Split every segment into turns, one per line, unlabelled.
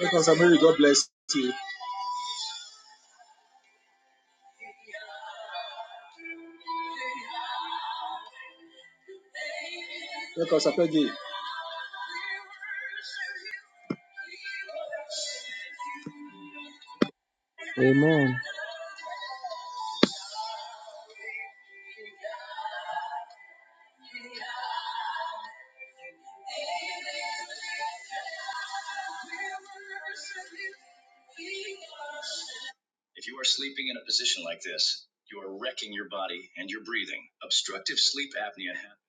Welcome, Samiri. God bless you. Welcome, Sapegi.
Amen.
If you are sleeping in a position like this, you are wrecking your body and your breathing. Obstructive sleep apnea. hap-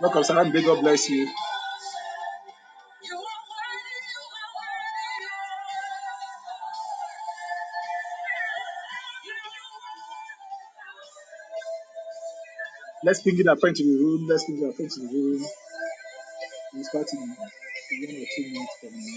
Welcome, Sarambe. God bless you. Let's pick it up, friend to the room. Let's pick it up, friend to the room. We'll start in one or two minutes from now.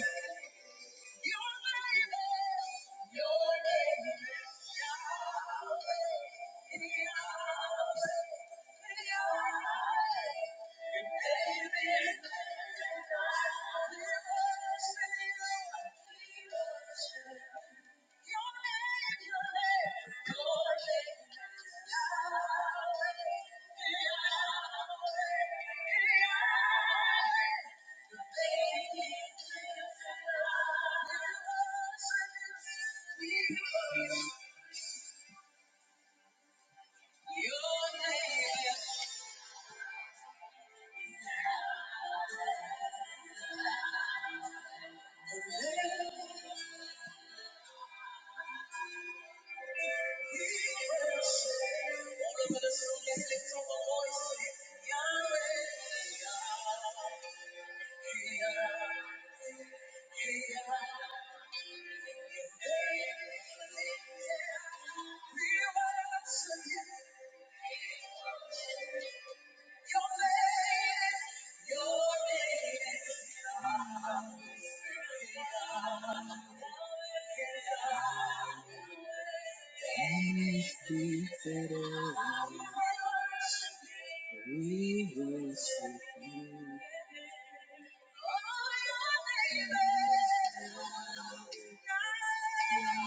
We worship you.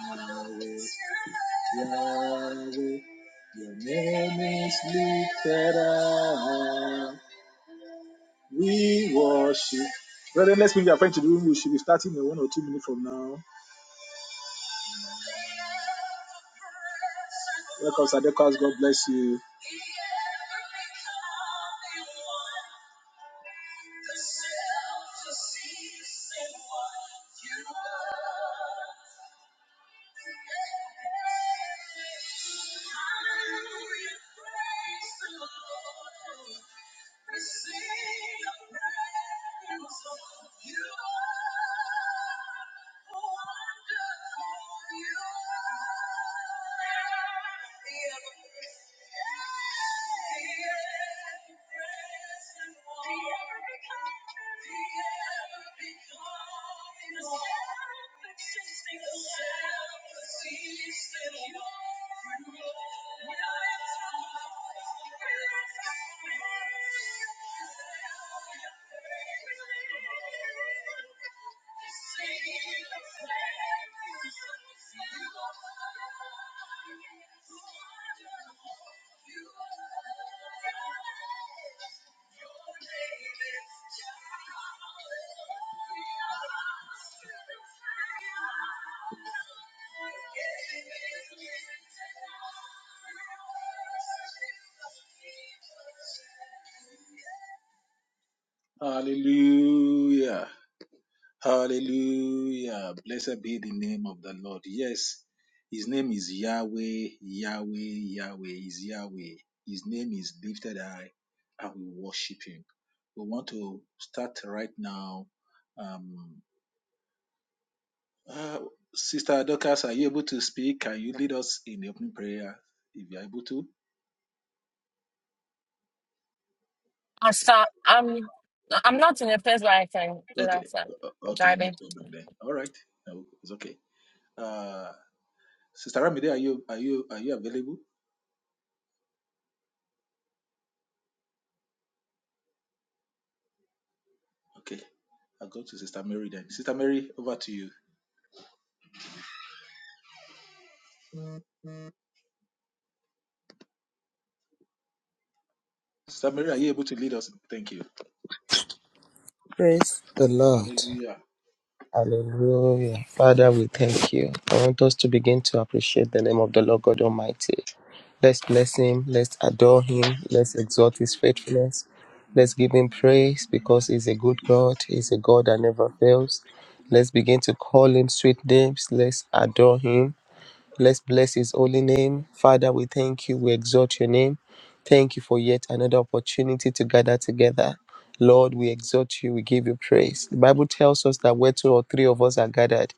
Yahweh, Yahweh, your name is lifted up. We worship. Brethren, let's bring our friend to the room. We should be starting in one or two minutes from now. Welcome, Sadekas. God bless you. Hallelujah. Hallelujah. Blessed be the name of the Lord. Yes, his name is Yahweh, Yahweh, Yahweh is Yahweh. His name is lifted high and we worship him. We want to start right now. Um, uh, Sister Dorcas, are you able to speak? Can you lead us in the opening prayer if you're able to?
I start, I'm I'm not in a place where I can do
Okay,
that. So
o- o-
I'm
okay, no
driving.
problem then. All right, No, it's okay. Uh, Sister Ramide, are you are you are you available? Okay. i go to Sister Mary then. Sister Mary, over to you. Sister Mary, are you able to lead us? Thank you.
Praise the Lord.
Hallelujah.
Hallelujah. Father, we thank you. I want us to begin to appreciate the name of the Lord God Almighty. Let's bless him. Let's adore him. Let's exalt his faithfulness. Let's give him
Thank you for
praise because he's a good God. He's a God that never fails. Let's begin to call him sweet names. Let's adore him. Let's bless his holy name. Father, we thank you. We exalt your name. Thank you for yet another opportunity to gather together. Lord, we exalt you. We give you praise. The Bible tells us that where two or three of us are gathered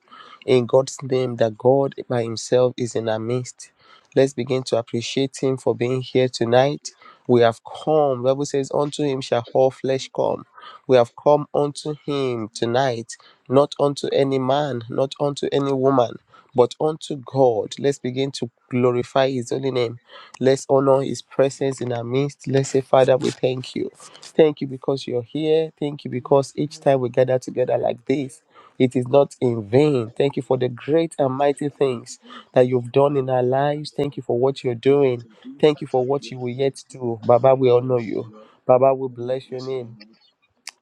in God's name, that God by himself is in our midst. Let's begin to appreciate him for being here tonight. We have come. The Bible says, Unto him shall all flesh come. We have come unto him tonight, not unto any man, not unto any woman but unto God, let's begin to glorify His holy name. Let's honor His presence in our midst. Let's say, Father, we thank you. Thank you because you're here. Thank you because each time we gather together like this, it is not in vain. Thank you for the great and mighty things that you've done in our lives. Thank you for what you're
what
doing. Thank you for
Thank
what
you.
you will yet do.
I
Baba, we honor
honor you,
you.
Lord.
Baba, we
I do
bless your
bless your name,
name.
Lord.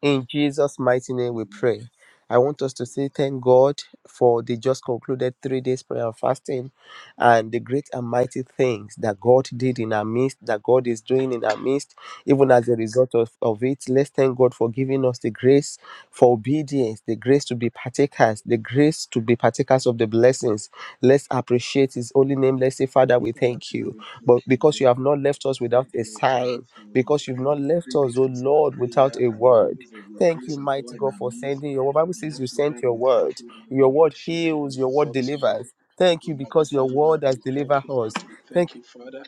In Jesus' mighty name, we
Amen.
pray. I want us to say thank God for the just concluded three days prayer and fasting and the great and mighty things that God did in our midst, that God is doing in our midst, even as a result of, of it. Let's thank God for giving us the grace for obedience, the grace to be partakers, the grace to be partakers of the blessings. Let's appreciate His holy name. Let's say, Father, we
Father,
thank
tonight
you.
thank
But
you,
because
Lord.
you have not left us without
Thank
a
you, Lord. Thank you
sign,
for the
because you've
three,
not left
three
us,
days
oh
personal
Lord, without
prayer
a
and the
word
move of your
Thank you,
grace and power
mighty
in
God,
our
for
midst.
sending your word. Bible
In
says
that
you sent
program,
your
we thank
word.
you, Lord.
Your
We
word
worship you.
heals,
We
your word
exalt you, Lord.
delivers. Thank
We
you because your
magnify you, Lord.
word
We
has
thank
delivered
you, Lord.
us.
We
Thank
thank you, Father.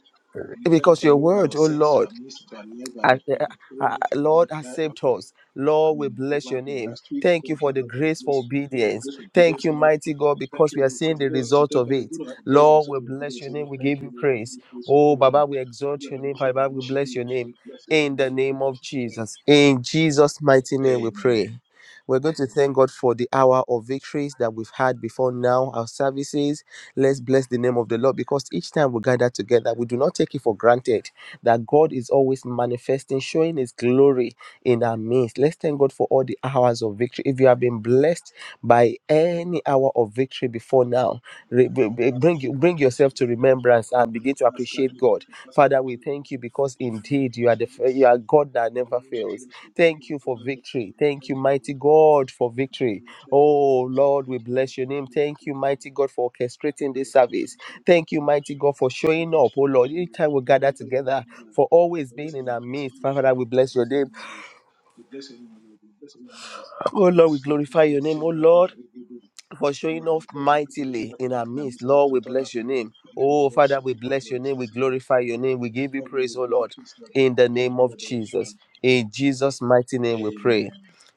you
We thank you
because
for the
your
word that
word,
was
oh
sent to
Lord
our minister to our life at
and,
the, at
uh,
the prayer
uh,
meeting of that
Lord has
time, of,
saved
I
us. Lord, we
mean,
bless
over
your
the
name.
last week.
Thank you
Thank
for
you,
the
Lord, for the
grace for
grace, thank you for the
obedience.
grace of
Thank
obedience,
you,
Lord.
mighty God, because
Thank
we
you,
are
Lord,
seeing
because
the
the Lord is to
result
thank
of
us. We're
it.
going to invest
Lord, we
of
bless
obedience,
your
Lord.
name. We
Thank
give
you,
you
Lord, for
praise.
this grace,
Oh,
Lord. Now,
Baba, we
we
exalt your name.
adoration, we
Baba, we
worship you,
bless your
Lord.
name.
We bless every
In the
word, we
name of
worship you, Lord.
Jesus. In Jesus' mighty name, we
Amen.
pray. We're going to thank God for the hour of victories that we've had before now, our services. Let's bless the name of the Lord because each time we gather together, we do not take it for granted that God is always manifesting, showing His glory in our midst. Let's thank God for all the hours of victory. If you have been blessed by any hour of victory before now,
We
re-
thank
b-
for
b-
past
bring you- bring
gatherings,
yourself to
Lord.
remembrance
We
and
thank
begin
for
to
past
appreciate
gatherings, we thank
God.
for past
Father, we
adoration, Lord.
thank you because
In the name
indeed
of
you are the f- you
Jesus.
are God that
In the
never
name of
fails.
Jesus, we thank you
Thank you for
because of your
victory.
presence. We
Thank
thank
you,
you, Lord.
mighty God, for
Thank you,
victory.
Thank you,
Oh
Thank you,
Lord, we
thank you,
bless your
Thank
name.
you,
Thank you,
Thank
mighty
you,
God, for orchestrating
Thank you,
this
thank
service.
you, thank
Thank
you,
you, mighty God, for
Thank you,
showing up. Oh
Thank
Lord,
you,
each time we
Thank you, Yeah, we
gather
thank you,
together
thank you,
for always
But
being
listen,
in
man,
our
this is
midst.
you share
Father,
up
we
your
bless your
blessing,
name.
my Lord. We bless you, my Lord. We bless you, my Lord.
Oh
My
Lord, we
son, my
glorify your
good
name. Oh
shepherd,
Lord.
our redeemer.
for
My
showing
Lord, we
off
thank you, mighty Lord, you
mightily
are
in
king,
our
mighty Lord,
midst.
mighty
Lord, we
all our
bless your
prayer, we
name.
thank you, we
Oh, Father,
worship
we
you, Lord,
bless
we
your name.
exalt
We
Lord.
glorify your name. We
We
give you
glorify you, we
praise, oh
give you
Lord,
Lord, we
in
give
the
you honor,
name
we
of Jesus.
adoration.
In Jesus' mighty name, we pray.
Amen.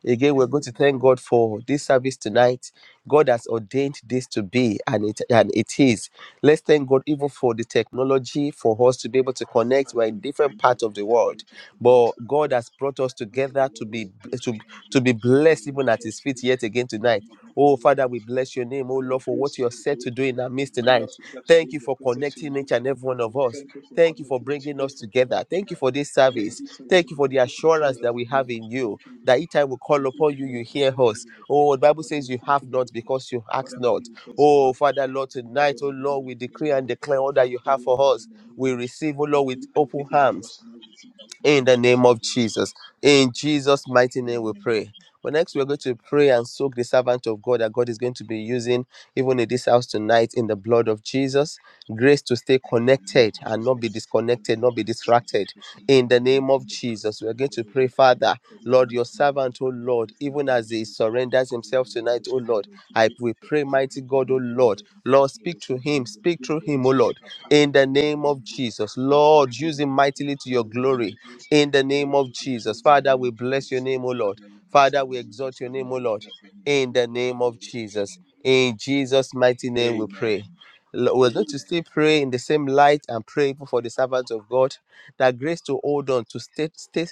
Again, we're going to thank God for this service tonight. God has ordained this to be, and it and it is. Let's thank God even for the technology for us to be able to connect.
Father,
We're
we
in different
thank you
parts
for
of
the
the world,
opportunity to meet
but God
across
has brought us
Part of the
together to
world
be
will help you
to,
and
to
you
be
will keep you,
blessed
will
even at
exalt
His
you,
feet yet again
will
tonight
magnify
Oh,
your
Father,
name
we
for,
bless your name, oh
for the
Lord, for
grace
what you
to,
are
to,
set to
to,
do in our
to
midst
bring
tonight.
us together
Thank
today
you
in your
for
presence
connecting
tonight.
each and every one of
We
us.
thank you for
Thank you for
connecting us. We
bringing
thank
us
you for bringing us
together. Thank you
together.
for this
We thank you for
service.
this service,
Thank you
Lord,
for
we
the
thank you for the
assurance
fellowship of
that we
all you,
have
Lord.
in
We
you.
thank you,
That
Lord.
each time we
We
call
thank
upon
you,
you, you
Lord. We
hear
thank you,
us.
Lord.
Oh, the Bible
Father,
says
we
you
thank
have
you,
not
Lord.
because you ask
Father, we give
not.
you thanks,
Oh,
Lord.
Father, Lord,
We met our
tonight, oh
Lord, we
Lord, we
give
decree
you
and
Lord.
declare all that you
That
have
you,
for
Lord, in
us.
the name of
We
Jesus.
receive, oh Lord, with
Every-
open
Everything you have for
arms
us now, we see that in
in
the
the name
name of
of
Jesus.
Jesus. In Jesus' mighty name, we
Amen.
pray. But next, we're going to pray and soak the servant of God that God is going to be using even in this house tonight in the blood of Jesus. Grace to stay
In the name
connected
of
and
Jesus
not be
Christ,
disconnected, not be distracted.
Jesus, Lord, do
In the
your
name
mighty
of
move, Father,
Jesus, we're going
Lord,
to
oh
pray,
Lord.
Father,
Let your
Lord, your
mighty move, and
servant, oh
Father, do your
Lord,
mighty move
even
in
as he surrenders
And
himself
we
tonight,
ask
oh
you,
Lord,
Lord, to
I
be
we
with your
pray,
Father,
mighty
in the
God,
name
oh
of Jesus,
Lord,
and to be
Lord,
with
speak
your
to
Spirit, in
him,
the name of
speak
Jesus,
through
Holy
him, oh
Spirit,
Lord,
our Father,
in the
in the
name
name
of
of Jesus.
Jesus.
We let you
Lord,
be
use
with
him
your
mightily to
power,
your
in the name
glory
of Jesus.
in the
We
name
want
of
you to
Jesus.
in the
Father,
name
we
of
bless
Jesus.
your name, O Lord.
Father, we bless you,
Father,
we
we
bless
exalt
you,
your
and we
name, O Lord,
bless you, and we
in
will
the
bless you,
name
we
of
bless you.
Jesus. In Jesus' mighty name, we
Amen.
pray. Lo- We're going to still pray in the same light and pray for the servants of God that grace to hold on, to stay, stay,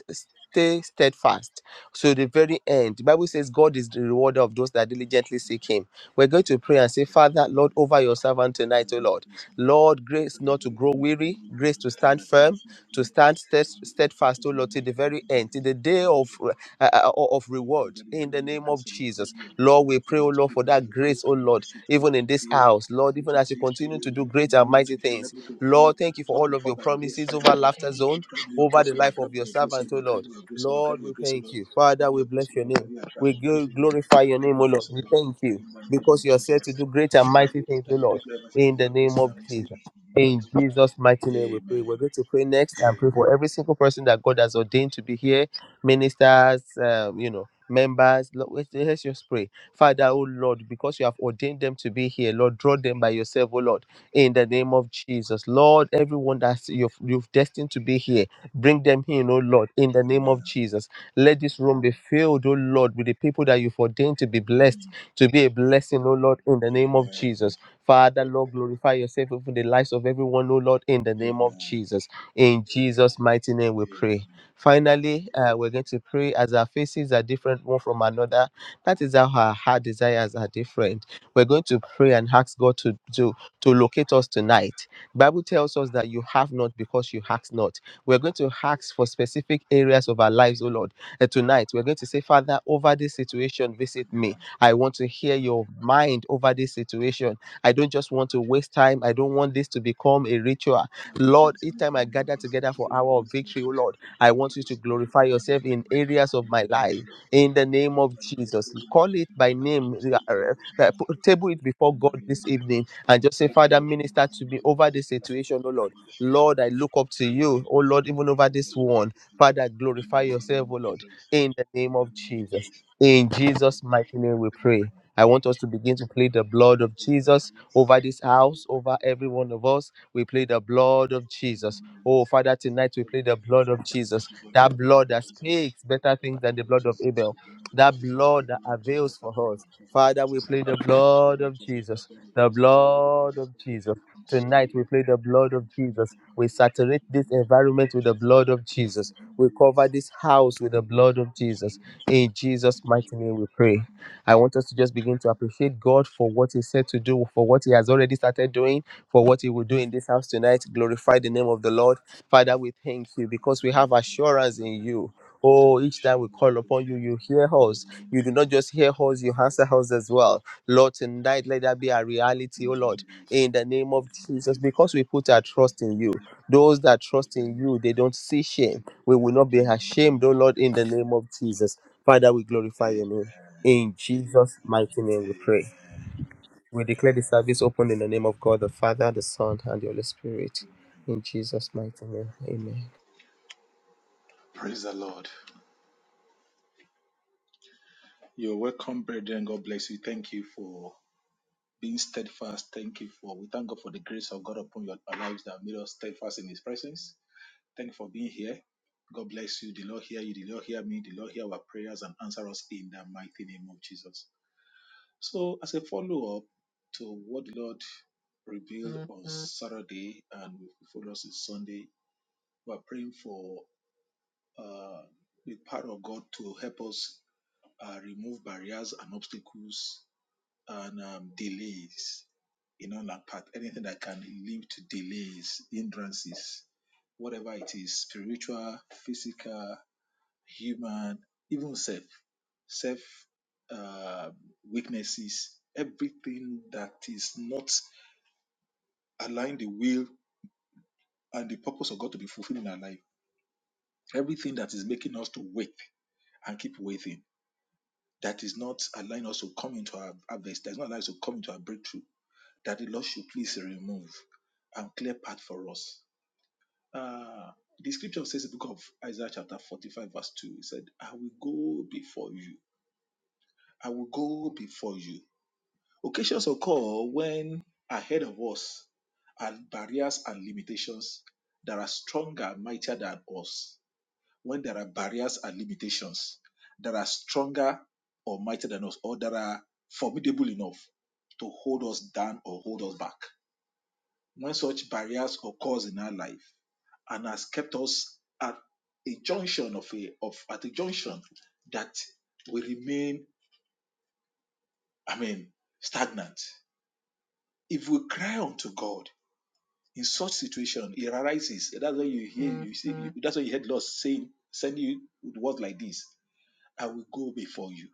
stay steadfast. So the very end, the Bible says God is the rewarder of those that diligently
you, Lord.
seek Him. We're going to pray
Thank
and
you,
say,
Lord.
Father,
Thank you,
Lord,
Lord.
over your servant tonight, O
Forlani
Lord.
considered
Lord, grace not
Ferrero
to grow weary,
originally for
grace
his
to stand firm,
character's
to
action,
stand stead-
and was
steadfast, O Lord, till
subsequently
the
to be
very
a
end, till
hero.
the day of re- uh, uh, of
Yes, Lord,
reward.
that you
In
grant
the
me your
name
grace,
of
and your grant
Jesus,
me your grace, and
Lord, we
to
pray, O Lord,
multiple
for
grace, and
that
your grace
grace, O
and
Lord,
mercy to
even
to
in this
pay,
house, Lord,
to
even as you
stay
continue
steady,
to
to
do
not to
great and
be not to
mighty
be tired,
things,
not to fall,
Lord, thank you for
not to
all of
fall
your
by the
promises
wayside,
over
Lord.
laughter
You
zone,
grant me your
over
grace,
the
and your
life of
grant me
your
your grace,
servant,
and
O
your grant
Lord.
me your grace, and your grant
Lord,
me your
we
grace,
thank
Lord.
you,
Grant
Father.
me
We
your grace,
bless your
Lord. Grant
name.
me your
We
grace,
gl-
Lord. Grant
glorify your
me
name,
your
O Lord.
grace,
We
Lord.
thank you
In the name of
because you are said
Jesus,
to do great and
Lord,
mighty things,
that
O
you
Lord.
give everything for
In the
your
name
grace and
of
our mercy,
Jesus.
Jesus.
In Jesus' mighty name, we pray.
Amen.
We're going to pray next and pray for every single person that God has ordained to be here, ministers, um, you know, members. Lord, Let's let's just pray. Father, oh Lord, because you have ordained them to be here, Lord, draw them by yourself, oh Lord, in the name of Jesus. Lord, everyone that you've, you've destined to be here, bring them in, oh Lord, in the name of
Amen.
Jesus. Let this room be filled, oh Lord, with the people that you've ordained to be blessed, to be a blessing, oh Lord, in the name of
Amen.
Jesus. Father, Lord, glorify yourself over the lives of everyone, oh Lord, in the name of
Amen.
Jesus. In Jesus' mighty name, we
Amen.
pray. Finally, uh, we're going to pray as our faces are different one from another. That is how our heart desires are different. We're going to pray and ask God to to, to locate us tonight. Bible tells us that you have not because you ask not. We're going to ask for specific areas of our lives, oh Lord. Uh, tonight, we're going to say, Father, over this situation, visit me. I want to hear your mind over this situation I don't just want to waste time. I don't want this to become a ritual. Lord, each
sentiment
time I gather together for hour of victory, oh Lord, I want you to glorify yourself in areas of my life. In the name of Jesus, call it by name. uh, uh, uh, put- Table it before God this evening, and just say, Father, minister to me over this situation, oh Lord. Lord, I look up to you, oh Lord, even over this one. Father, glorify yourself, oh Lord, in the name of Jesus. In Jesus' mighty name, we pray. I want us to begin to plead the blood of Jesus over this house, over every one of us. We plead the blood of Jesus. Oh, Father, tonight we plead the blood of Jesus.
Jesus,
That
in the name
blood
of
that
Jesus.
speaks better things than
Amen.
the blood of Abel. That blood that avails for us. Father, we plead the blood of Jesus. The blood of Jesus. Tonight we plead the blood of Jesus. We saturate this environment with the blood of Jesus. We cover this house with the blood of Jesus. In Jesus' mighty name we pray. I want us to just begin to appreciate God for what He said to do, for what He has already started doing, for what He will do in this house tonight. Glorify the name of the Lord. Father, we thank you because we have assurance in you. Oh, each time we call upon you, you hear us. You do not just hear us, you answer us as well. Lord, tonight let that be our reality, oh Lord, in the name of Jesus, because we put our trust in you. Those that trust in you, they don't see shame. We will not be ashamed, oh Lord, in the name of Jesus. Father, we glorify your name. In Jesus' mighty name we pray. We declare the service open in the name of God, the Father, the Son, and the Holy Spirit. In Jesus' mighty name, amen.
Praise the Lord. You're welcome, brethren. God bless you. Thank you for. being steadfast. Thank you for, we thank God for the grace of God upon your our lives that have made us steadfast in His presence. Thank you for being here. God bless you. The Lord hear you. The Lord hear me. The Lord hear our prayers and answer us in the mighty name of Jesus. So, as a follow up to what the Lord revealed on Saturday and we follow us on Sunday, we are praying for uh, the power of God to help us uh, remove barriers and obstacles and um, delays in all our path, anything that can lead to delays, hindrances, whatever it is, spiritual, physical, human, even self, self uh, weaknesses, everything that is not aligning the will and the purpose of God to be fulfilled in our life, everything that is making us to wait and keep waiting, that is not allowing us to come into our harvest, that is not allowing us to come into our breakthrough that the Lord should please remove and clear path for us. Uh, the scripture says in the book of Isaiah chapter 45 verse 2, it said, I will go before you. I will go before you. Occasions occur when ahead of us are barriers and limitations that are stronger and mightier than us. When there are barriers and limitations that are stronger or mightier than us, or that are formidable enough to hold us down or hold us back. when such barriers occurs in our life and has kept us at a junction of a of at a junction that we remain i mean stagnant if we cry unto god in such situation he arises that's why you hear you see that's why you heard lord saying sending you with words like this i will go before you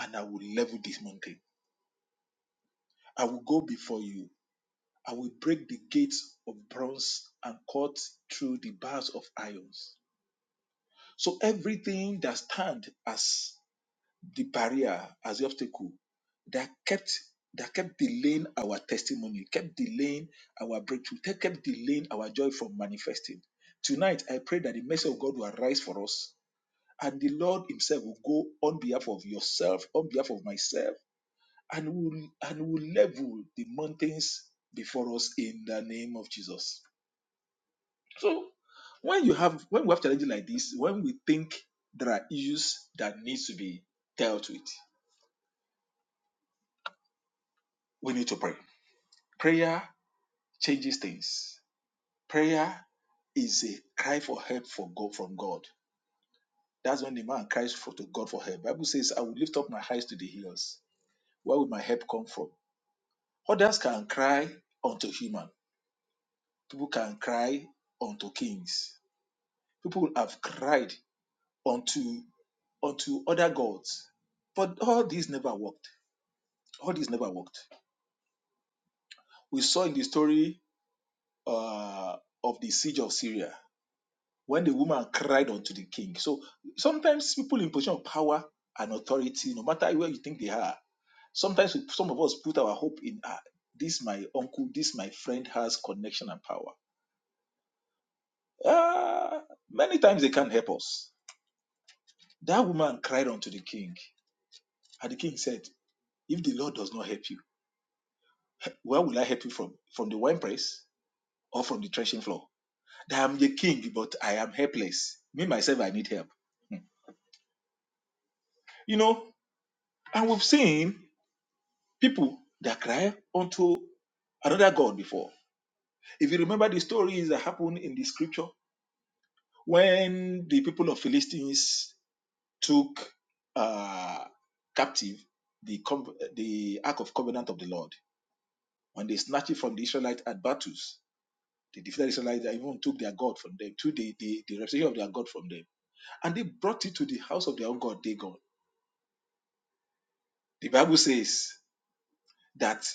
and i will level this mountain i will go before you i will break the gates of bronze and cut through the bars of irons So everything that stand as the barrier, as the obstacle that kept that kept delaying our testimony, kept delaying our breakthrough, that kept delaying our joy from manifesting. Tonight, I pray that the mercy of God will arise for us, and the Lord Himself will go on behalf of yourself, on behalf of myself, and will and will level the mountains before us in the name of Jesus. So when you have when we have challenges like this, when we think there are issues that needs to be dealt with, we need to pray. Prayer changes things. Prayer is a cry for help for God from God. That's when the man cries for to God for help. Bible says, I will lift up my eyes to the hills. Where will my help come from? Others can cry unto human. People can cry unto kings. People have cried unto unto other gods. But all these never worked All this never worked. We saw in the story uh, of the siege of Syria when the woman cried unto the king. So sometimes people in position of power and authority, no matter where you think they are, sometimes we- some of us put our hope in ah, this my uncle, this my friend has connection and power. Ah, many times they can't help us. That woman cried unto the king, and the king said, "If the Lord does not help you, where will I help you from? From the winepress or from the threshing floor?" that I'm the king, but I am helpless. Me, myself, I need help. You know, and we've seen people that cry unto another God before. If you remember the stories that happened in the scripture, when the people of Philistines took uh, captive the, com- the Ark of Covenant of the Lord, when they snatched it from the Israelites at battles, they defeated the Israelites and even took their God from them, took the, the, the representation of their God from them, and they brought it to the house of their own God, Dagon. The Bible says that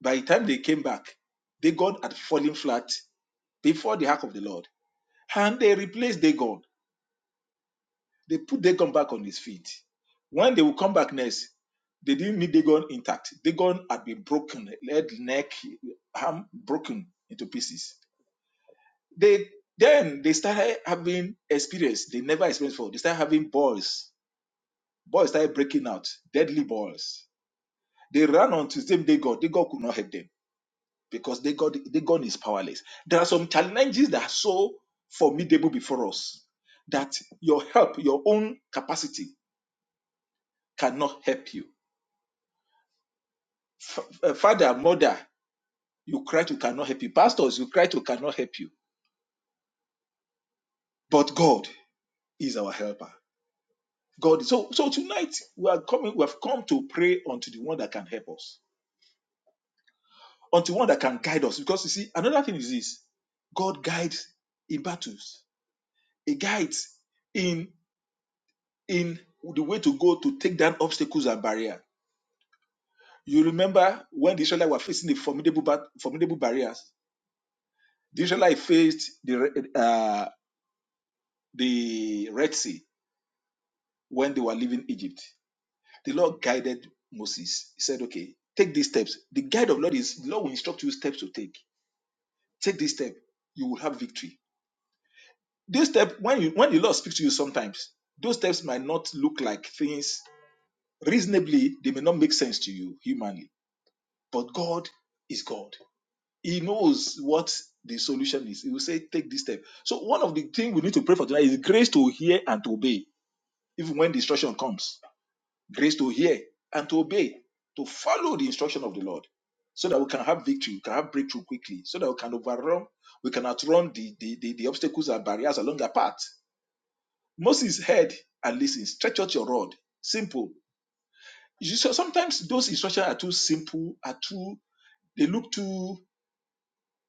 by the time they came back, Dagon had fallen flat before the ark of the Lord. And they replaced Dagon. They put Dagon back on his feet. When they will come back next, they didn't need Dagon intact. Dagon had been broken, head, neck, arm broken into pieces. They then they started having experience they never experienced before. They started having boils. Boils started breaking out, deadly boils. They ran on to the same Dagon. Dagon could not help them because they God, they God is powerless. There are some challenges that are so formidable before us that your help, your own capacity cannot help you. F- uh, Father, mother, you cry to cannot help you. Pastors, you cry to cannot help you. But God is our helper. God. So so tonight we are coming. We have come to pray unto the one that can help us, unto one that can guide us. Because you see, another thing is this: God guides in battles. He guides in. in the way to go to take down obstacles and barriers. You remember when the Israelites were facing the formidable, bat- formidable barriers. The Israelites faced the uh, the Red Sea when they were leaving Egypt. The Lord guided Moses. He said, "Okay, take these steps." The guide of Lord is the Lord will instruct you steps to take. Take this step, you will have victory. This step, when you when the Lord speaks to you, sometimes those steps might not look like things reasonably. They may not make sense to you humanly, but God is God. He knows what the solution is. He will say, take this step. So one of the things we need to pray for tonight is grace to hear and to obey, even when the instruction comes. Grace to hear and to obey, to follow the instruction of the Lord, so that we can have victory, we can have breakthrough quickly, so that we can overrun, we can outrun the, the, the, the obstacles and barriers along our path. Moses heard and listened. Stretch out your rod. Simple. You see, so sometimes those instructions are too simple, are too, they look too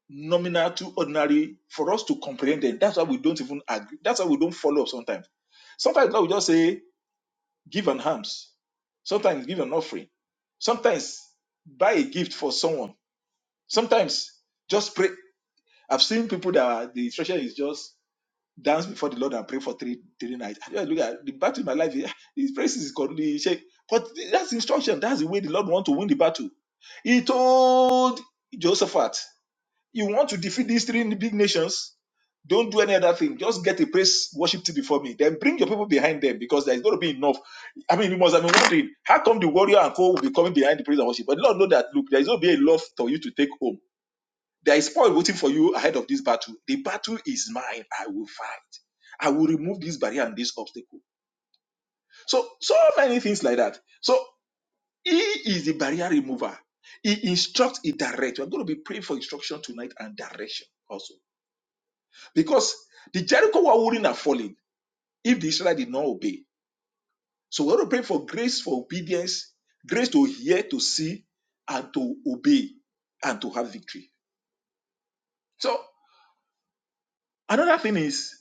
nominal, too ordinary for us to comprehend it. That's why we don't even agree. That's why we don't follow up sometimes. Sometimes God will just say, give an alms. Sometimes give an offering. Sometimes buy a gift for someone. Sometimes just pray. I've seen people that are, the instruction is just dance before the Lord and pray for three three nights. I just look at the battle in my life. eh, This praise is godly shake. But that's instruction. That's the way the Lord wants to win the battle. He told Josephat you want to defeat these three big nations? Don't do any other thing. Just get a praise worship team before me. Then bring your people behind them because there is going to be enough. I mean, we must have been wondering how come the warrior and co will be coming behind the praise and worship. But Lord know that look, there is going to be a love for you to take home. There is spoil waiting for you ahead of this battle. The battle is mine. I will fight. I will remove this barrier and this obstacle. So so many things like that. So he is the barrier remover. He instructs, he directs. We're going to be praying for instruction tonight and direction also Because the Jericho wall wouldn't have fallen if the Israelites did not obey. So we ought to pray for grace for obedience, grace to hear, to see, and to obey, and to have victory. So another thing is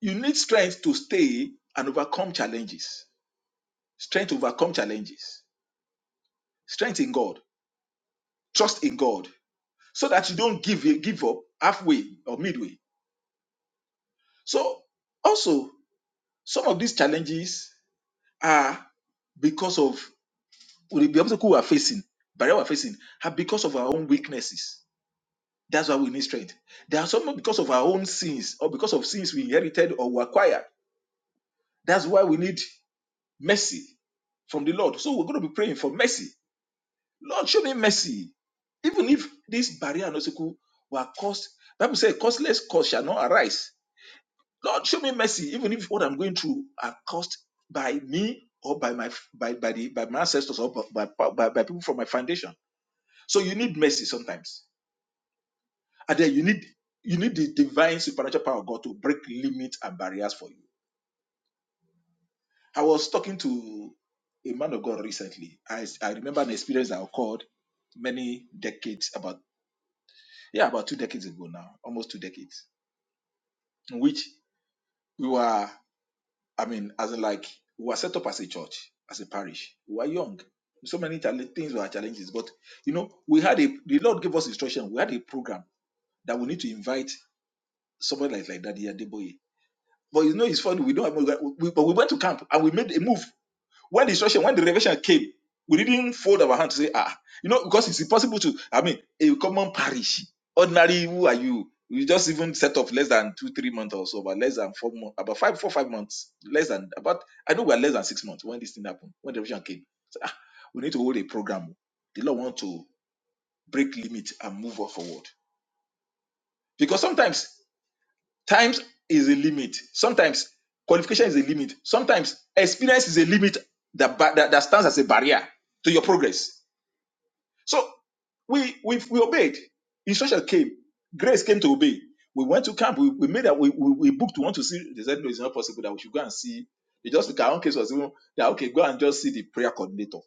you need strength to stay and overcome challenges. Strength to overcome challenges. Strength in God. Trust in God. So that you don't give give up halfway or midway. So also some of these challenges are because of the the obstacle we are facing, barrier we are facing, are because of our own weaknesses. That's why we need strength. There are some because of our own sins or because of sins we inherited or we acquired. That's why we need mercy from the Lord. So we're going to be praying for mercy. Lord, show me mercy. Even if this barrier and obstacle were caused, Bible says, causeless cause shall not arise. Lord, show me mercy, even if what I'm going through are caused by me or by my by by the by my ancestors or by by, by by people from my foundation. So you need mercy sometimes. And then you need you need the divine supernatural power of God to break limits and barriers for you. I was talking to a man of God recently. I, I remember an experience that occurred many decades about yeah, about two decades ago now, almost two decades, in which we were, I mean, as in like we were set up as a church, as a parish. We were young. So many challenge- things were challenges, but you know, we had a the Lord gave us instruction. We had a program that we need to invite somebody like like Daddy Adeboye But you know, it's funny. We don't have, we, but we went to camp and we made a move. When the instruction, when the revelation came, we didn't fold our hand to say, ah, you know, because it's impossible to, I mean, a common parish, ordinary, who are you? We just even set up less than two, three months or so, but less than four months, about five, four, five months, less than, about, I know we are less than six months when this thing happened, when the revelation came. So, ah, we need to hold a program. The Lord want to break limit and move us forward. Because sometimes Times is a limit. Sometimes qualification is a limit. Sometimes experience is a limit that, that, that stands as a barrier to your progress. So we we we obeyed. Instruction came. Grace came to obey. We went to camp. We, we made that we, we, we booked. We want to see. They said no, it's not possible that we should go and see. They just look at our own case was even that okay, go and just see the prayer coordinator.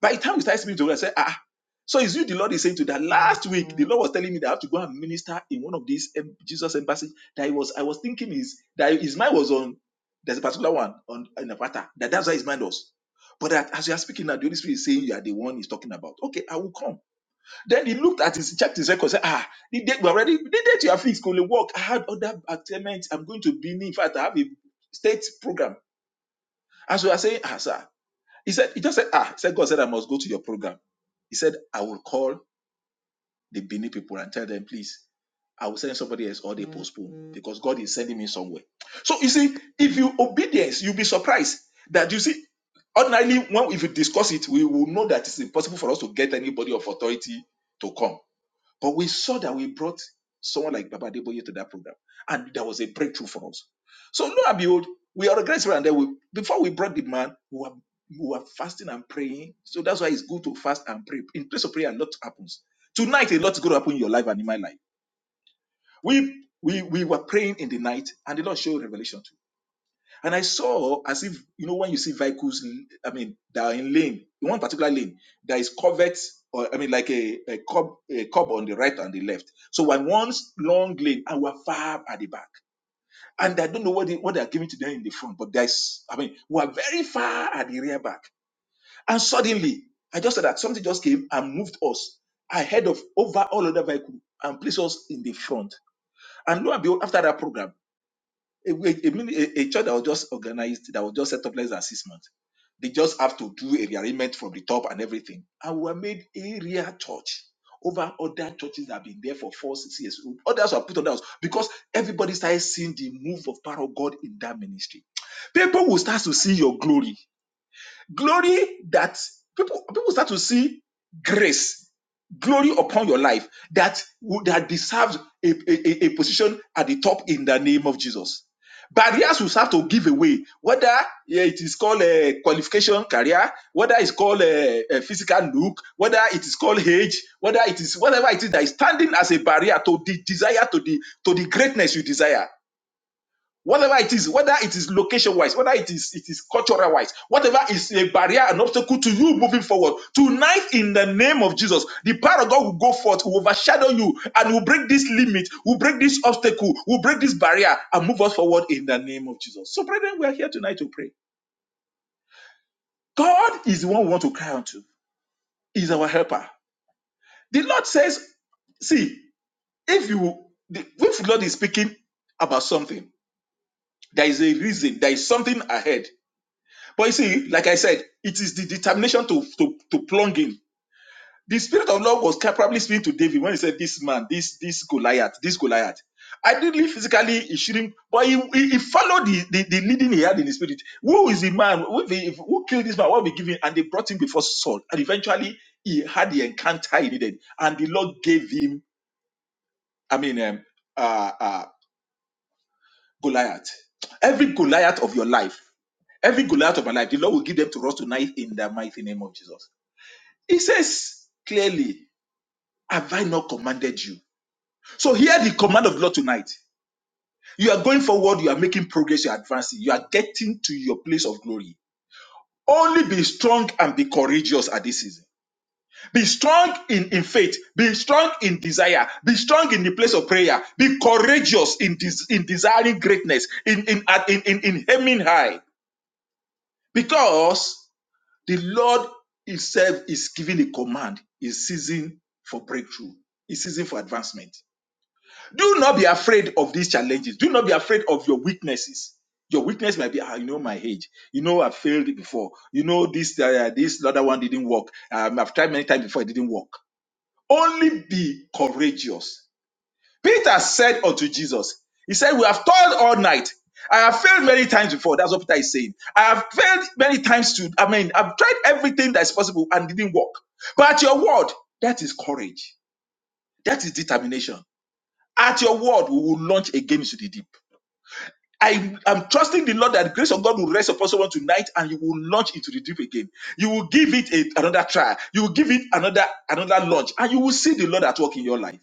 By the time we started speaking to her, I said, ah, so is you the Lord is saying to that last week, the Lord was telling me that I have to go and minister in one of these em- Jesus embassy that it was I was thinking is that his mind was on there's a particular one on in Apata, that that's why his mind was. But that as you are speaking now, the Holy Spirit is saying you are the one he's talking about. Okay, I will come then he looked at his checked his record, said, Ah, the date we already the date you have fixed could only work. I had other attainments. I'm going to Benin. In fact, I have a state program. And so I saying, Ah, sir. He said, he just said, Ah, he said, God said I must go to your program. He said, I will call the Benin people and tell them, please, I will send somebody else or they postpone because God is sending me somewhere. So you see, if you obedience, you'll be surprised that you see, ordinarily, when if you discuss it, we will know that it's impossible for us to get anybody of authority to come but we saw that we brought someone like Baba Deboye to that program, and that was a breakthrough for us. So lo and behold, we are regrets and then we before we brought the man, we were, we were fasting and praying. So that's why it's good to fast and pray. In place of prayer, a lot happens. Tonight, a lot is going to happen in your life and in my life. We we we were praying in the night, and the Lord showed revelation and I saw as if, you know, when you see vehicles, I mean, that are in lane, in one particular lane, there is covert, or I mean, like a, a curb, a curb on the right and the left. So on one long lane, and we're far at the back. And I don't know what they, what they're giving to them in the front, but there's, I mean, we're very far at the rear back. And suddenly, I just saw that something just came and moved us ahead of over all other vehicles and placed us in the front. And lo and behold, after that program, a, a, a, a church that was just organized, that was just set up less than six months. They just have to do a rearrangement from the top and everything. And we were made area church over other churches that have been there for four, six years. Others were put on us because everybody started seeing the move of power of God in that ministry. People will start to see your glory Glory that people people start to see grace, glory upon your life that would- that deserves a, a, a position at the top in the name of Jesus. Barriers will start to give away, whether yeah, it is called a qualification career, whether it's called a, a physical look, whether it is called age, whether it is whatever it is that is standing as a barrier to the desire to the to the greatness you desire whatever it is whether it is location wise whether it is it is cultural wise whatever is a barrier an obstacle to you moving forward tonight in the name of jesus the power of god will go forth will overshadow you and will break this limit will break this obstacle will break this barrier and move us forward in the name of jesus so brethren we are here tonight to pray god is the one we want to cry unto He is our helper the lord says see if you the, if the lord is speaking about something there is a reason there is something ahead But you see, like I said, it is the determination to to, to plunge in. The spirit of Lord was probably speaking to David when he said, "This man, this this Goliath, this Goliath." Ideally, physically, he shouldn't, but he, he, he followed the, the, the leading he had in the spirit. Who is the man? Who, the, who killed this man? What we give him? And they brought him before Saul. And eventually, he had the encounter he needed. And the Lord gave him, I mean, um, uh, uh, Goliath. Every Goliath of your life, every Goliath of my life, the Lord will give them to us tonight in the mighty name of Jesus. He says clearly, Have I not commanded you? So hear the command of the Lord tonight. You are going forward, you are making progress, you are advancing, you are getting to your place of glory. Only be strong and be courageous at this season. Be strong in, in faith, be strong in desire, be strong in the place of prayer, be courageous in, des- in desiring greatness, in, in, at- in, in, in aiming high. Because the Lord Himself is giving a command, is season for breakthrough, is season for advancement. Do not be afraid of these challenges. Do not be afraid of your weaknesses. Your weakness might be, ah, you know, my age. You know, I've failed before. You know, this uh, this other one didn't work. Um, I've tried many times before, it didn't work. Only be courageous. Peter said unto Jesus, He said, We have toiled all night. I have failed many times before. That's what Peter is saying. I have failed many times to, I mean, I've tried everything that is possible and didn't work. But your word, that is courage. That is determination. At your word, we will launch again into the deep. I am trusting the Lord that the grace of God will rest upon someone tonight and you will launch into the deep again. You will give it a, another try. You will give it another another launch and you will see the Lord at work in your life.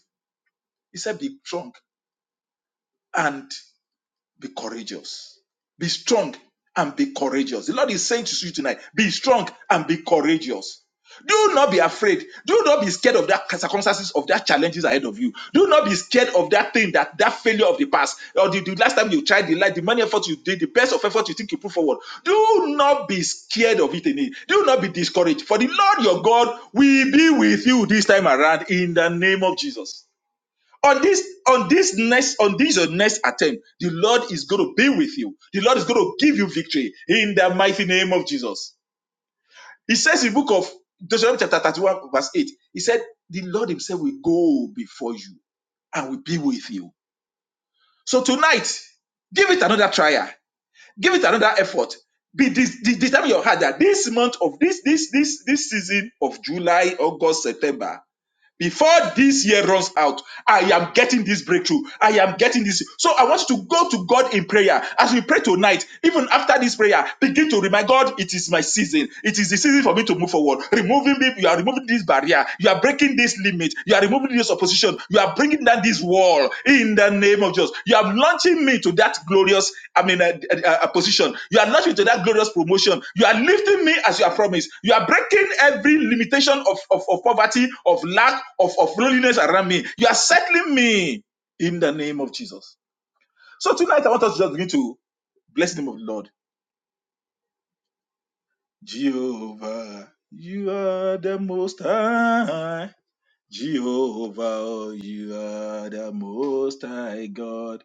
He said, Be strong. and Be courageous. Be strong and be courageous. The Lord is saying to you tonight, be strong and be courageous. Do not be afraid. Do not be scared of that circumstances of that challenges ahead of you. Do not be scared of that thing that that failure of the past or the, the last time you tried the light, the many efforts you did, the best of effort you think you put forward. Do not be scared of it. Any. Do not be discouraged. For the Lord your God will be with you this time around in the name of Jesus on this on this next on this your next attempt the lord is going to be with you the lord is going to give you victory in the mighty name of jesus he says in the book of deuteronomy chapter 31 verse 8 he said the lord himself will go before you and will be with you so tonight give it another trial give it another effort be this This determine your heart that this month of this this this this season of july august september before this year runs out, I am getting this breakthrough. I am getting this. So I want you to go to God in prayer. As we pray tonight, even after this prayer, begin to remind God, it is my season. It is the season for me to move forward. Removing me, you are removing this barrier. You are breaking this limit. You are removing this opposition. You are bringing down this wall in the name of Jesus. You are launching me to that glorious, I mean, uh, uh, uh, position. You are launching me to that glorious promotion. You are lifting me as you have promised. You are breaking every limitation of, of, of poverty, of lack, of, of loneliness around me. You are settling me in the name of Jesus. So tonight, I want us to just begin to bless the name of the Lord. Jehovah, you are the most high. Jehovah, oh, you are the most high God.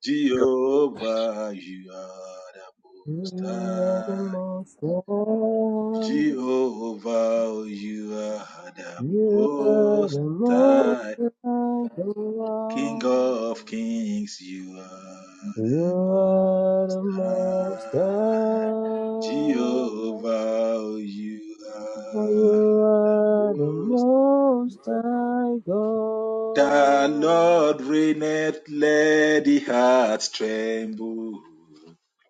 Jehovah, you are the
You
most
are the
high.
most high.
Jehovah, oh, you are the
You are
most
the most
high.
high God.
King of kings, you are the
You are the most high.
high. Jehovah,
You
oh, you are the
are the
most
most high
The Lord reigneth, let the hearts tremble.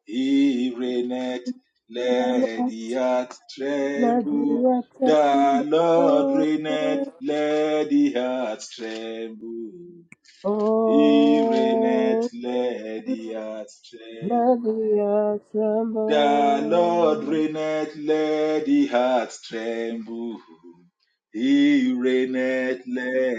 He reigneth, let
God.
the hearts tremble. The
Assemble.
Lord reigneth, let the hearts tremble. He reigneth,
Oh,
let the hearts tremble.
let the
The Lord
assemble.
reigneth, let the hearts tremble. He reigneth,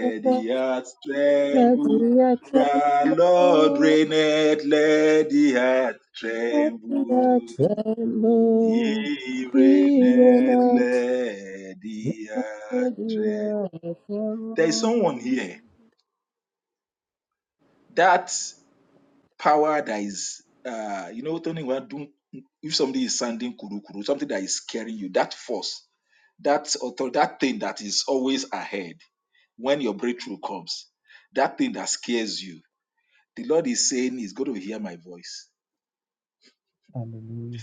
Let the
the hearts tremble. The Lord
assemble.
reigneth, let the hearts
Let the
tremble.
assemble.
He
He will
reigneth, let the hearts
let
tremble.
the
There is
assemble.
someone here that power that is uh you know turning around doing if somebody is sounding kuru kuru something that is scaring you that force that author that thing that is always ahead when your breakthrough comes that thing that scares you the lord is saying he's going to hear my voice
Hallelujah.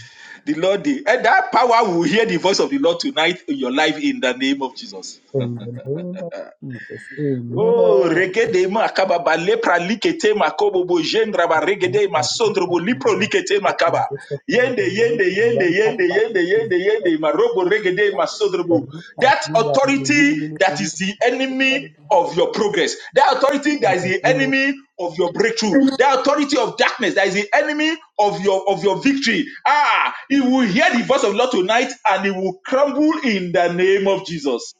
the lord the- and that power will hear the voice of the lord tonight in your life in the name of jesus
In the name of Jesus.
Oh,
Amen.
regede ma akaba ba lepra likete makobo bo jendra ba
Thank
regede ma sondro bo lipro likete makaba. Yende, yende, yende, yende, yende, yende, yende, ma robo regede ma sondro bo. That authority that is the enemy of your progress. That authority that is the enemy of your breakthrough. That authority of darkness that is the enemy of your of your victory. Ah, he will hear the voice of the Lord tonight and he will crumble in the name of Jesus.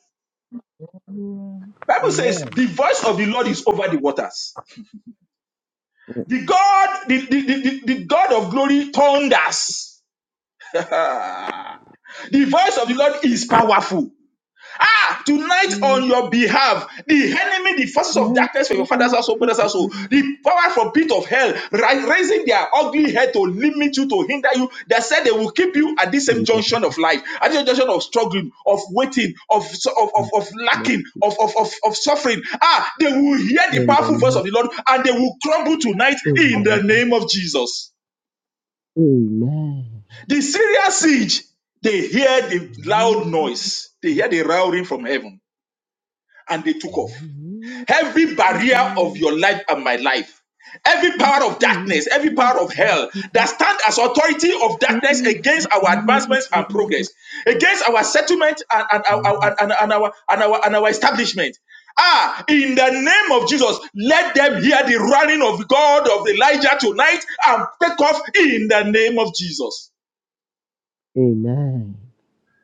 Bible says the voice of the Lord is over the waters. The God, the, the, the, the, the God of glory thunders. the voice of the Lord is powerful. Ah, tonight on your behalf, the enemy, the forces of darkness for your father's household, mother's household, the power from pit of hell, ri- raising their ugly head to limit you, to hinder you. They said they will keep you at this same junction of life, at this junction of struggling, of waiting, of of, of, of lacking, of, of, of, of suffering. Ah, they will hear the powerful voice of the Lord and they will crumble tonight in the name of Jesus. The Syrian siege, they hear the loud noise, they hear the roaring from heaven, and they took off. Every barrier of your life and my life, every power of darkness, every power of hell that stand as authority of darkness against our advancements and progress, against our settlement and, and, our, and, and- and our, and, our, and our establishment. Ah, in the name of Jesus, let them hear the running of God of Elijah tonight and take off in the name of Jesus.
Hey,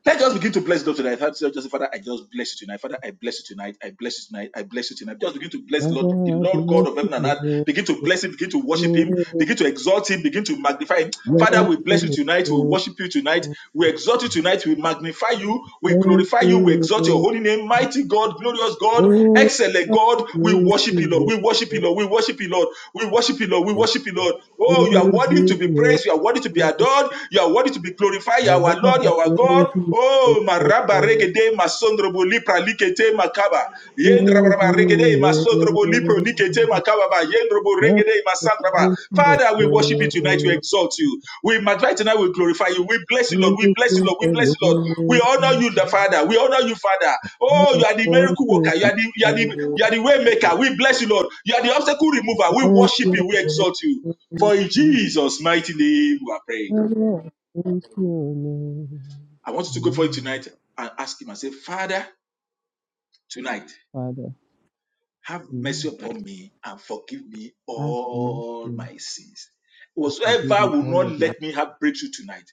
Let's just begin to bless God tonight. Let's just say, Father, I just bless you tonight. Father, I bless you tonight. I bless you tonight. I bless you tonight. Just begin to bless Lord, the
Father,
Lord God
bless
of
you,
heaven and earth.
Lord.
Begin to bless him, begin to worship him, begin to exalt him, begin to magnify him. Father,
Bless
we bless you
you,
tonight. We
Lord.
worship you tonight. We exalt you tonight. We magnify you. We
Bless
glorify you. We
you,
exalt your
Lord.
holy name. Mighty God, glorious God,
Oh,
excellent God. We
bless
worship you, Lord.
you,
We worship you,
Lord.
Lord. We worship you, Lord. We worship you, Lord. We worship you, Lord. Oh,
Praise
you are worthy
you,
to be
Lord.
praised. You are worthy to be adored. Lord. You are worthy to be glorified. You are our
Baba,
Lord. You
I
are our
praise
God.
you, Lord.
Oh,
Praise
maraba regede masondrobo lipra likete makaba.
you,
Yendrabraba regede
Lord.
masondrobo lipro likete makaba ba. Yendrobo
Baba,
regede
I
masandraba.
praise you,
Father, we worship you tonight. We
Lord.
exalt you. We magnify tonight. We glorify you. We bless you, Lord. We bless you, Lord. We bless
Praise
you, Lord. We
you,
honor you,
Lord.
the Father. We honor you, Father. Oh, you
I
are the miracle worker.
worship
You are the you are the
you.
you are the way maker. We bless you, Lord. You are the obstacle remover. We
Thank
worship
you,
you. We exalt you. For in
Lord.
Jesus' mighty name, we are praying.
Baba, I praise your name.
I want you to go for it
Amen.
tonight and ask him and say, Father, tonight,
Father,
have
now
mercy upon me and forgive me
ask me
all
to
my sins.
forgive
Whatsoever
me
will
all
not
of my
let me have breakthrough tonight,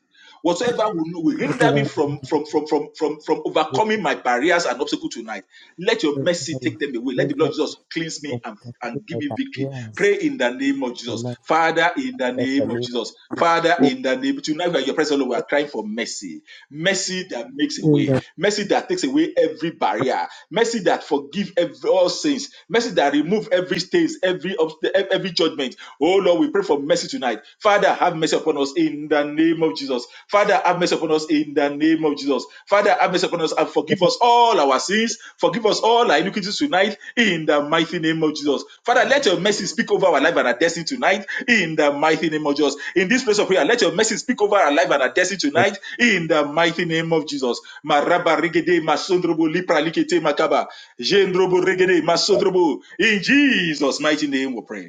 whatsoever will, will hinder me
criminal
from, from, from, from, from, from overcoming my barriers and obstacles tonight, let your mercy take them away. Let the
trespasses
blood of Jesus cleanse me and, and give me victory.
Yes.
Pray in the name of Jesus.
Tonight,
Father, in the
let the
name of
name
Jesus. Father, in the name, tonight by your presence, Lord, we are crying for mercy. Mercy that makes a way. Mercy that takes away every barrier. Mercy that forgive every, all sins. Mercy that remove every stain, every, obst- every judgment judgment. Oh Lord, we pray for mercy tonight. Father, have mercy upon us in the name of Jesus. Father, have mercy upon us in the name of Jesus. Father, have mercy upon us and forgive us all our sins. Forgive us all our iniquities tonight in the mighty name of Jesus. Father, let your mercy speak over our life and our destiny tonight in the mighty name of Jesus. In this place of prayer, let your mercy speak over our life and our destiny
of
tonight in the mighty name of Jesus. In Jesus' mighty name we pray.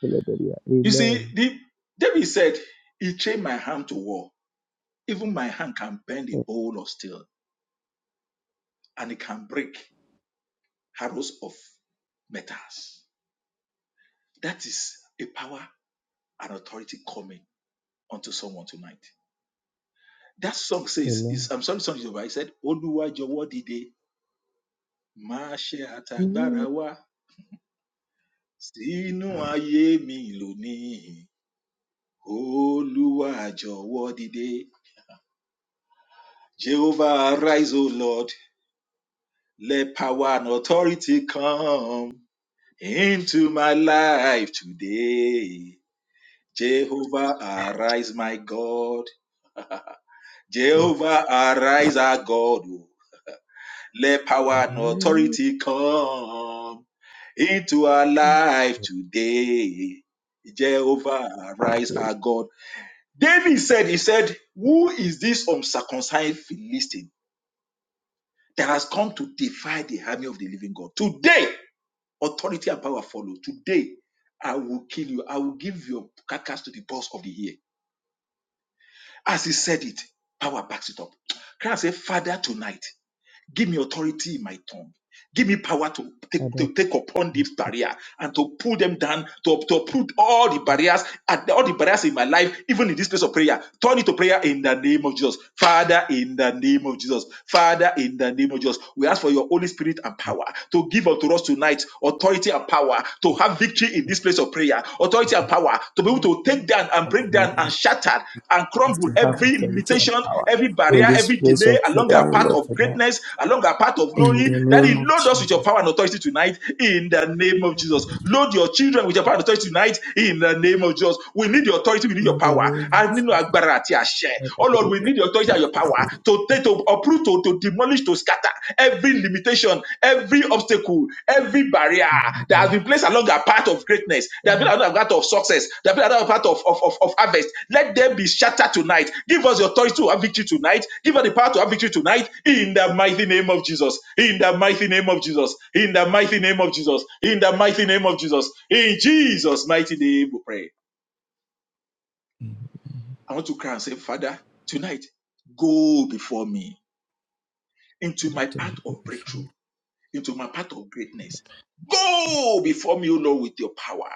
the Lord.
You see,
Amen.
the, David said, He trained my hand to war. Even my hand can bend a bowl of steel and it can break arrows of metals. That is a power and authority coming onto someone tonight. That song says, is,
Amen.
I'm sorry, song is over. I said, Oluwa jowo dide, ma se atagbara wa, sinu aye mi loni. Oluwa jowo dide, Jehovah arise, O Lord. Let power and authority come into my life today. Jehovah, arise, my God. Jehovah, arise, our God. oh. Let power and authority come into our life today. Jehovah, arise, our God. David said, He said, Who is this uncircumcised Philistine that has come to defy the army of the living God? Today, Authority and power follow. Today, I will kill you. I will give your carcass to the boss of the year. As he said it, power backs it up. Can I say, Father, tonight? Give me authority in my tongue. Give me power to take,
Father,
to take upon this barrier and to pull them down, to, to uproot all the barriers, at all the barriers in my life, even in this place of prayer. Turn it to prayer in the name of Jesus. Father, in the name of Jesus. Father, in the name of Jesus. We ask for your Holy Spirit and power to give unto us tonight authority and power to have victory in this place of prayer. Authority and power to be able to take down and
in the
break
name
down and
of
shatter and crumble
Jesus, to
crumble
have
every
authority and
limitation,
power
every
in
barrier,
this
every
place of
delay
prayer,
along our
O
path
Lord,
of
tonight.
greatness, along our path of
In
glory.
the name
Daddy,
of
load us with your
Jesus,
power and authority tonight in the name of Jesus. Load your children with your power and authority tonight in the name of Jesus. We need your authority, we need your
in the
power.
name
A nínú agbára àti àṣẹ. Oh Lord, we need your authority and your power to take, to uproot, to, to demolish, to scatter every limitation, every obstacle, every barrier that has been placed along a path of greatness, that has been along a path of success, that has been along a path of, of, of, of harvest, let them be shattered tonight. Give us the authority to have victory tonight. Give us the power to have victory tonight in the mighty name of Jesus. In the mighty name of Jesus. In the mighty name of Jesus. In the mighty name of Jesus. In Jesus' mighty name, we pray. I want to cry and say, Father, tonight, go before me into
of Father,
my path
tonight
of
will be
breakthrough
fine. In
into my path of greatness. Go before me, O Lord, with your power.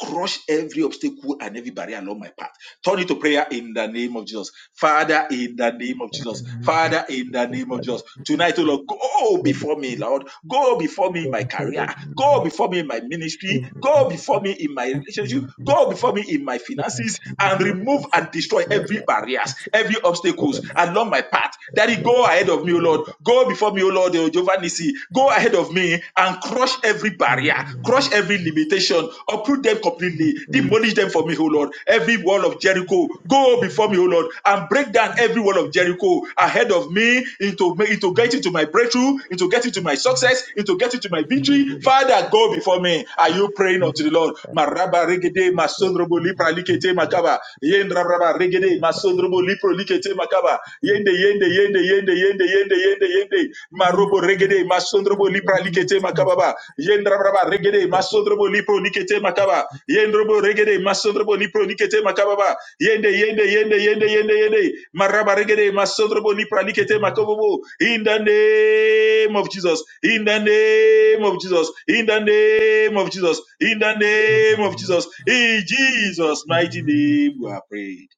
Crush every obstacle and every barrier along my path. Turn it to prayer in the name of Jesus. Father, in the name of
the
Jesus.
name of
Father, in the
Jesus,
name of
Father,
Jesus. Tonight, oh Lord, go
go
before
before
me, Lord. Go before me in my
ahead
career.
of me.
Go before me in my
Lord.
ministry.
In
Go
my
before me in my
life, in my
relationship. Go before me in my
in my
finances
family,
and
my
remove
relationship,
and destroy
Lord,
every
my
barriers,
fantasy,
every obstacles
over my
along my path.
children,
Daddy,
Lord,
go ahead of me, O Lord.
everybody.
Go before me, O Lord, O Jehovah Nissi. Go ahead of me and crush every barrier,
Amen.
crush every limitation, uproot them completely,
Amen.
demolish them for me, O Lord. Every wall of Jericho Jericho. Go before me, O Lord, and break down every wall of Jericho ahead of me into, into getting to my breakthrough, into getting to my success, into getting to my
Amen.
victory.
Amen.
Father, go before me. Are you praying unto the Lord? Maraba regede masondrobo lipra likete makaba. Yendrabraba regede masondrobo lipro likete makaba. Yende yende yende yende yende yende yende yende. Marobo regede masondrobo lipra likete makababa. Yendrabraba regede masondrobo lipro likete makaba. Yendrobo regede masondrobo lipro likete makababa. Yende yende yende yende yende yende maraba regede masodrobo lipralikete makobobo in the name of Jesus in the name of Jesus in the name of Jesus in the name of Jesus in Jesus mighty name we are prayed.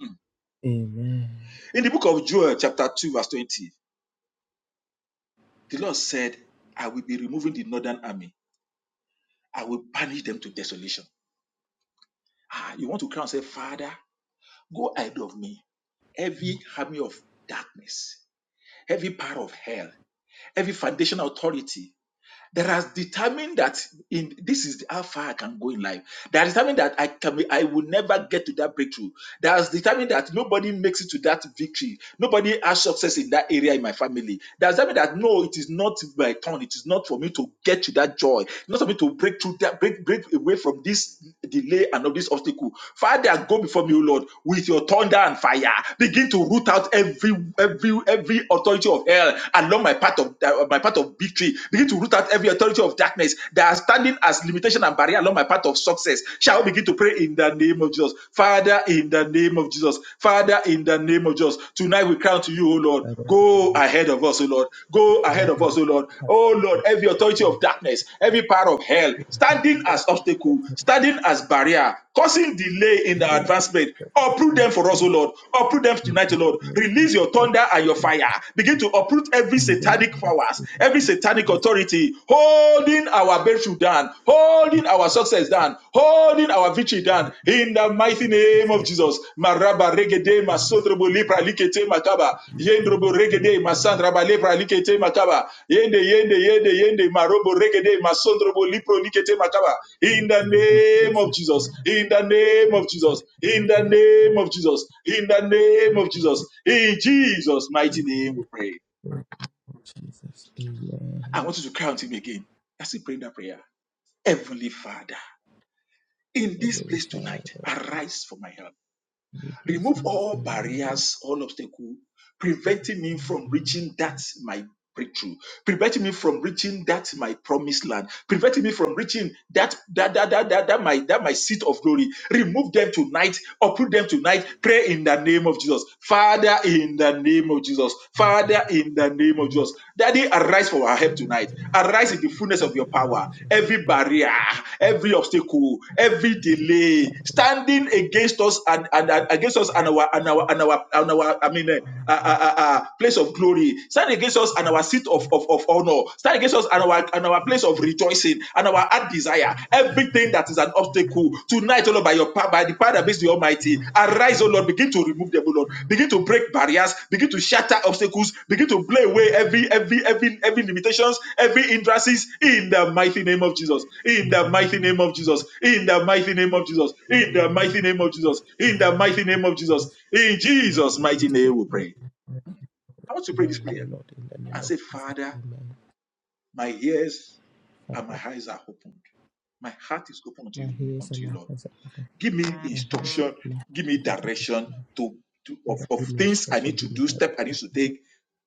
Hmm. In the book of Joel chapter 2 verse 20 the Lord said I will be removing the northern army I will banish them to desolation. Ah you want to cry and say Father go ahead of me every army of darkness every power of hell every foundational authority that has determined that in this is how far I can go in life. That has determined that I can be, I will never get to that breakthrough. That has determined that nobody makes it to that victory. Nobody has success in that area in my family. Does that mean that no, it is not my turn? It is not for me to get to that joy. It's not for me to break through that, break, break away from this delay and of this obstacle. Father, go before me, O Lord, with your thunder and fire. Begin to root out every every every authority of hell along my path of my path of victory. Begin to root out every authority of darkness that are standing as limitation limitation and barrier along my path of success. Shall we begin to pray in the name of Jesus? Father, in the name of Jesus. Father, in the name of Jesus. Tonight we cry to you, O Lord.
I don't
Go ahead of us, O Lord. Go ahead of us, O Lord. O Lord, every authority of darkness, every power of hell, standing as obstacle, standing as barrier, causing delay in our advancement, uproot them for us, O Lord. Uproot them tonight, O Lord. Release your your thunder and your fire. Begin to uproot every
think that
satanic powers, every satanic authority holding our breakthrough down, holding our success down, holding our victory down. In the mighty name
it's a
of Jesus. Maraba regede masotrobo lepra likete makaba. Yendrobo regede masandraba lepra likete makaba. Yende yende yende yende marobo regede masondrobo lipro likete makaba. In the
name of
name of
Jesus. I
Jesus. In the name of
thank
Jesus. In the name of Jesus. In the name
you,
of
Lord
Jesus.
Jesus.
In Jesus' mighty
In
name we pray.
the name of Jesus.
I
Amen.
want you to cry out him again. That's it, praying that prayer. Heavenly Father, in this
Heavenly
place tonight,
Father,
arise for my help.
your
Remove
presence
all
arise
barriers, all obstacles preventing me from reaching that my breakthrough, preventing me from reaching that my promised land, preventing me from reaching that that that that that, that my that my seat of glory. Remove them tonight, uproot them tonight. Pray in the name of Jesus, Father, in the name of Jesus, Father, in the name of Jesus. Daddy, arise for our
and
help
honor
tonight. Arise in the
us,
fullness
Lord,
of your power.
arise and
Every barrier, every obstacle, every delay standing against us and, and, and against us and our and our and our and our I mean uh, uh, uh, uh, uh, place of glory. Stand against us and our seat of, of, of honor. Stand against us and our and our place of rejoicing and our heart desire. Everything that is an obstacle obstacle tonight, O Lord, by your power, by the power that makes the Almighty, arise, O Lord, begin to remove them, O Lord, begin to break barriers, begin to shatter obstacles, begin to play away every every every every limitations, every hindrances in the mighty name of Jesus, in the mighty name of Jesus, in the mighty name of Jesus,
arise.
in the mighty name of Jesus,
In
in the
the name
mighty
of
name of Jesus,
Jesus,
in
Lord,
Jesus'
we go
mighty
to the
name we pray.
Lord.
I want to pray
Now,
this
O
prayer
Lord, in the name
and
of
say,
Jesus,
Father,
amen.
my ears and my
Father,
eyes are opened. My heart is open unto
my
you,
ears
unto
and my
you, Lord.
hands are open.
Give me
My hands,
instruction.
my
Give me
hands are
direction
open.
to, to of,
Father,
of
give me
things I
instruction,
need to
give me
do, step I need
direction.
to take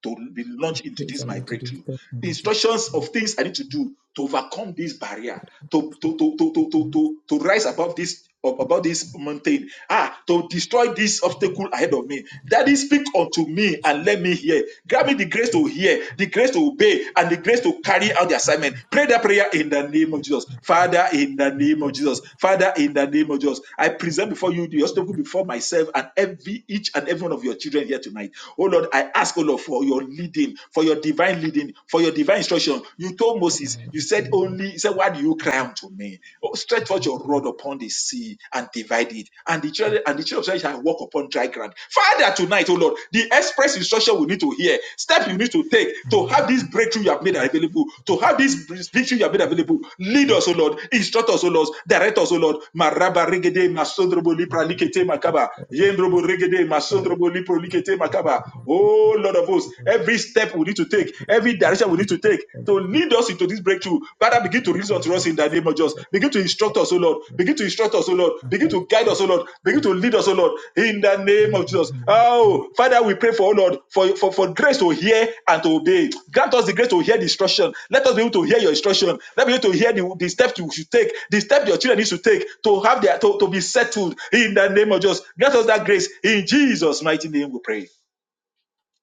to be launched into
Things I
this my
need to do,
breakthrough.
steps I
The
need to
instructions of things I need to do to overcome this barrier, to to to to to to, to, to rise above this ab- above this mountain. Ah, to destroy this obstacle ahead of me. Daddy, speak unto me and let me hear. Grant me the grace to hear, the grace to obey, and the grace to carry out the assignment. Pray that prayer in the name of Jesus. Father, in the name of Jesus. Father, in the name of Jesus. I present before you the obstacle before myself and every each and every one of your children here tonight. Oh Lord, I ask ask, O Lord, for your leading, for your divine leading, for your divine instruction. You told Moses, you said only, you said, why do you cry unto me? Oh, Stretch out your rod upon the sea and divide it, and the children and the children of Israel shall walk upon dry ground. Father, tonight, O Lord, the express instruction we need to hear, step you need to take to have this breakthrough you have made available, to have this breakthrough you have made available. Lead us, O Lord, instruct us, O Lord, direct us, O Lord. Maraba regede masondrobo lipra likete makaba, yendrobo regede
direct.
masondrobo lipro likete
in
makaba.
the name of Jesus.
Oh Lord of hosts,
Because of
every step we need to
that,
take,
please,
every
direct
direction
me,
we need to
help me,
take
guide
to
me,
lead us into this breakthrough. Father, begin to
direct me,
reason
make
to us
it,
in the name of Jesus.
make it,
Begin to instruct
direct
us, O Lord.
me.
Begin to instruct us, O Lord.
And
Begin
Father,
to guide us, O Lord. Begin
please,
to lead us, O Lord, in the name of Jesus. Oh, Father, we pray for, O Lord, for, for, for grace to hear and to obey. Grant us the grace to hear the instruction. Let us be able to hear your instruction. Let us be able to hear the, the steps you should take, the steps your children need to take to have their to, to be settled in the name of Jesus. Grant us that grace in Jesus' mighty name. We pray.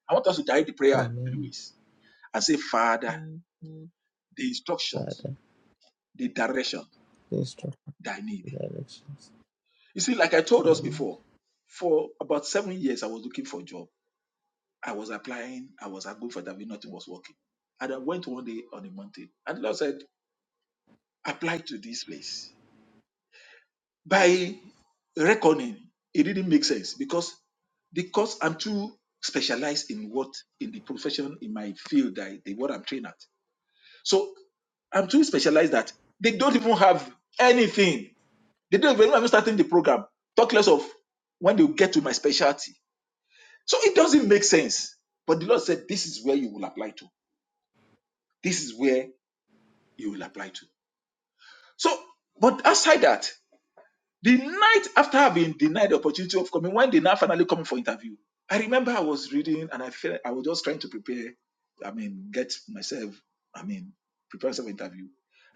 I want us to direct the prayer in three
amen.
ways and say, Father, mm. the instructions,
Father,
the direction
instruct
that I need.
me directions.
You see, like I told us
And
before, for about seven years, I was looking for a job. I was applying, I was going for interview, nothing was working. And I went one day on a mountain, and the Lord said, Apply to this place. By reckoning, it didn't make sense because because I'm too specialized in what in the profession in my field that I, the what I'm trained at. So I'm too specialized that they don't even have anything. They don't even I'm starting the program. Talk less of when they get to my specialty. So it doesn't make sense. But the Lord said, This is where you will apply to. This is where you will apply to. So, but aside that, the night after I've been denied the opportunity of coming, when they now finally coming for interview, I remember I was reading and I felt I was just trying to prepare, I mean, get myself, I mean, prepare myself for interview.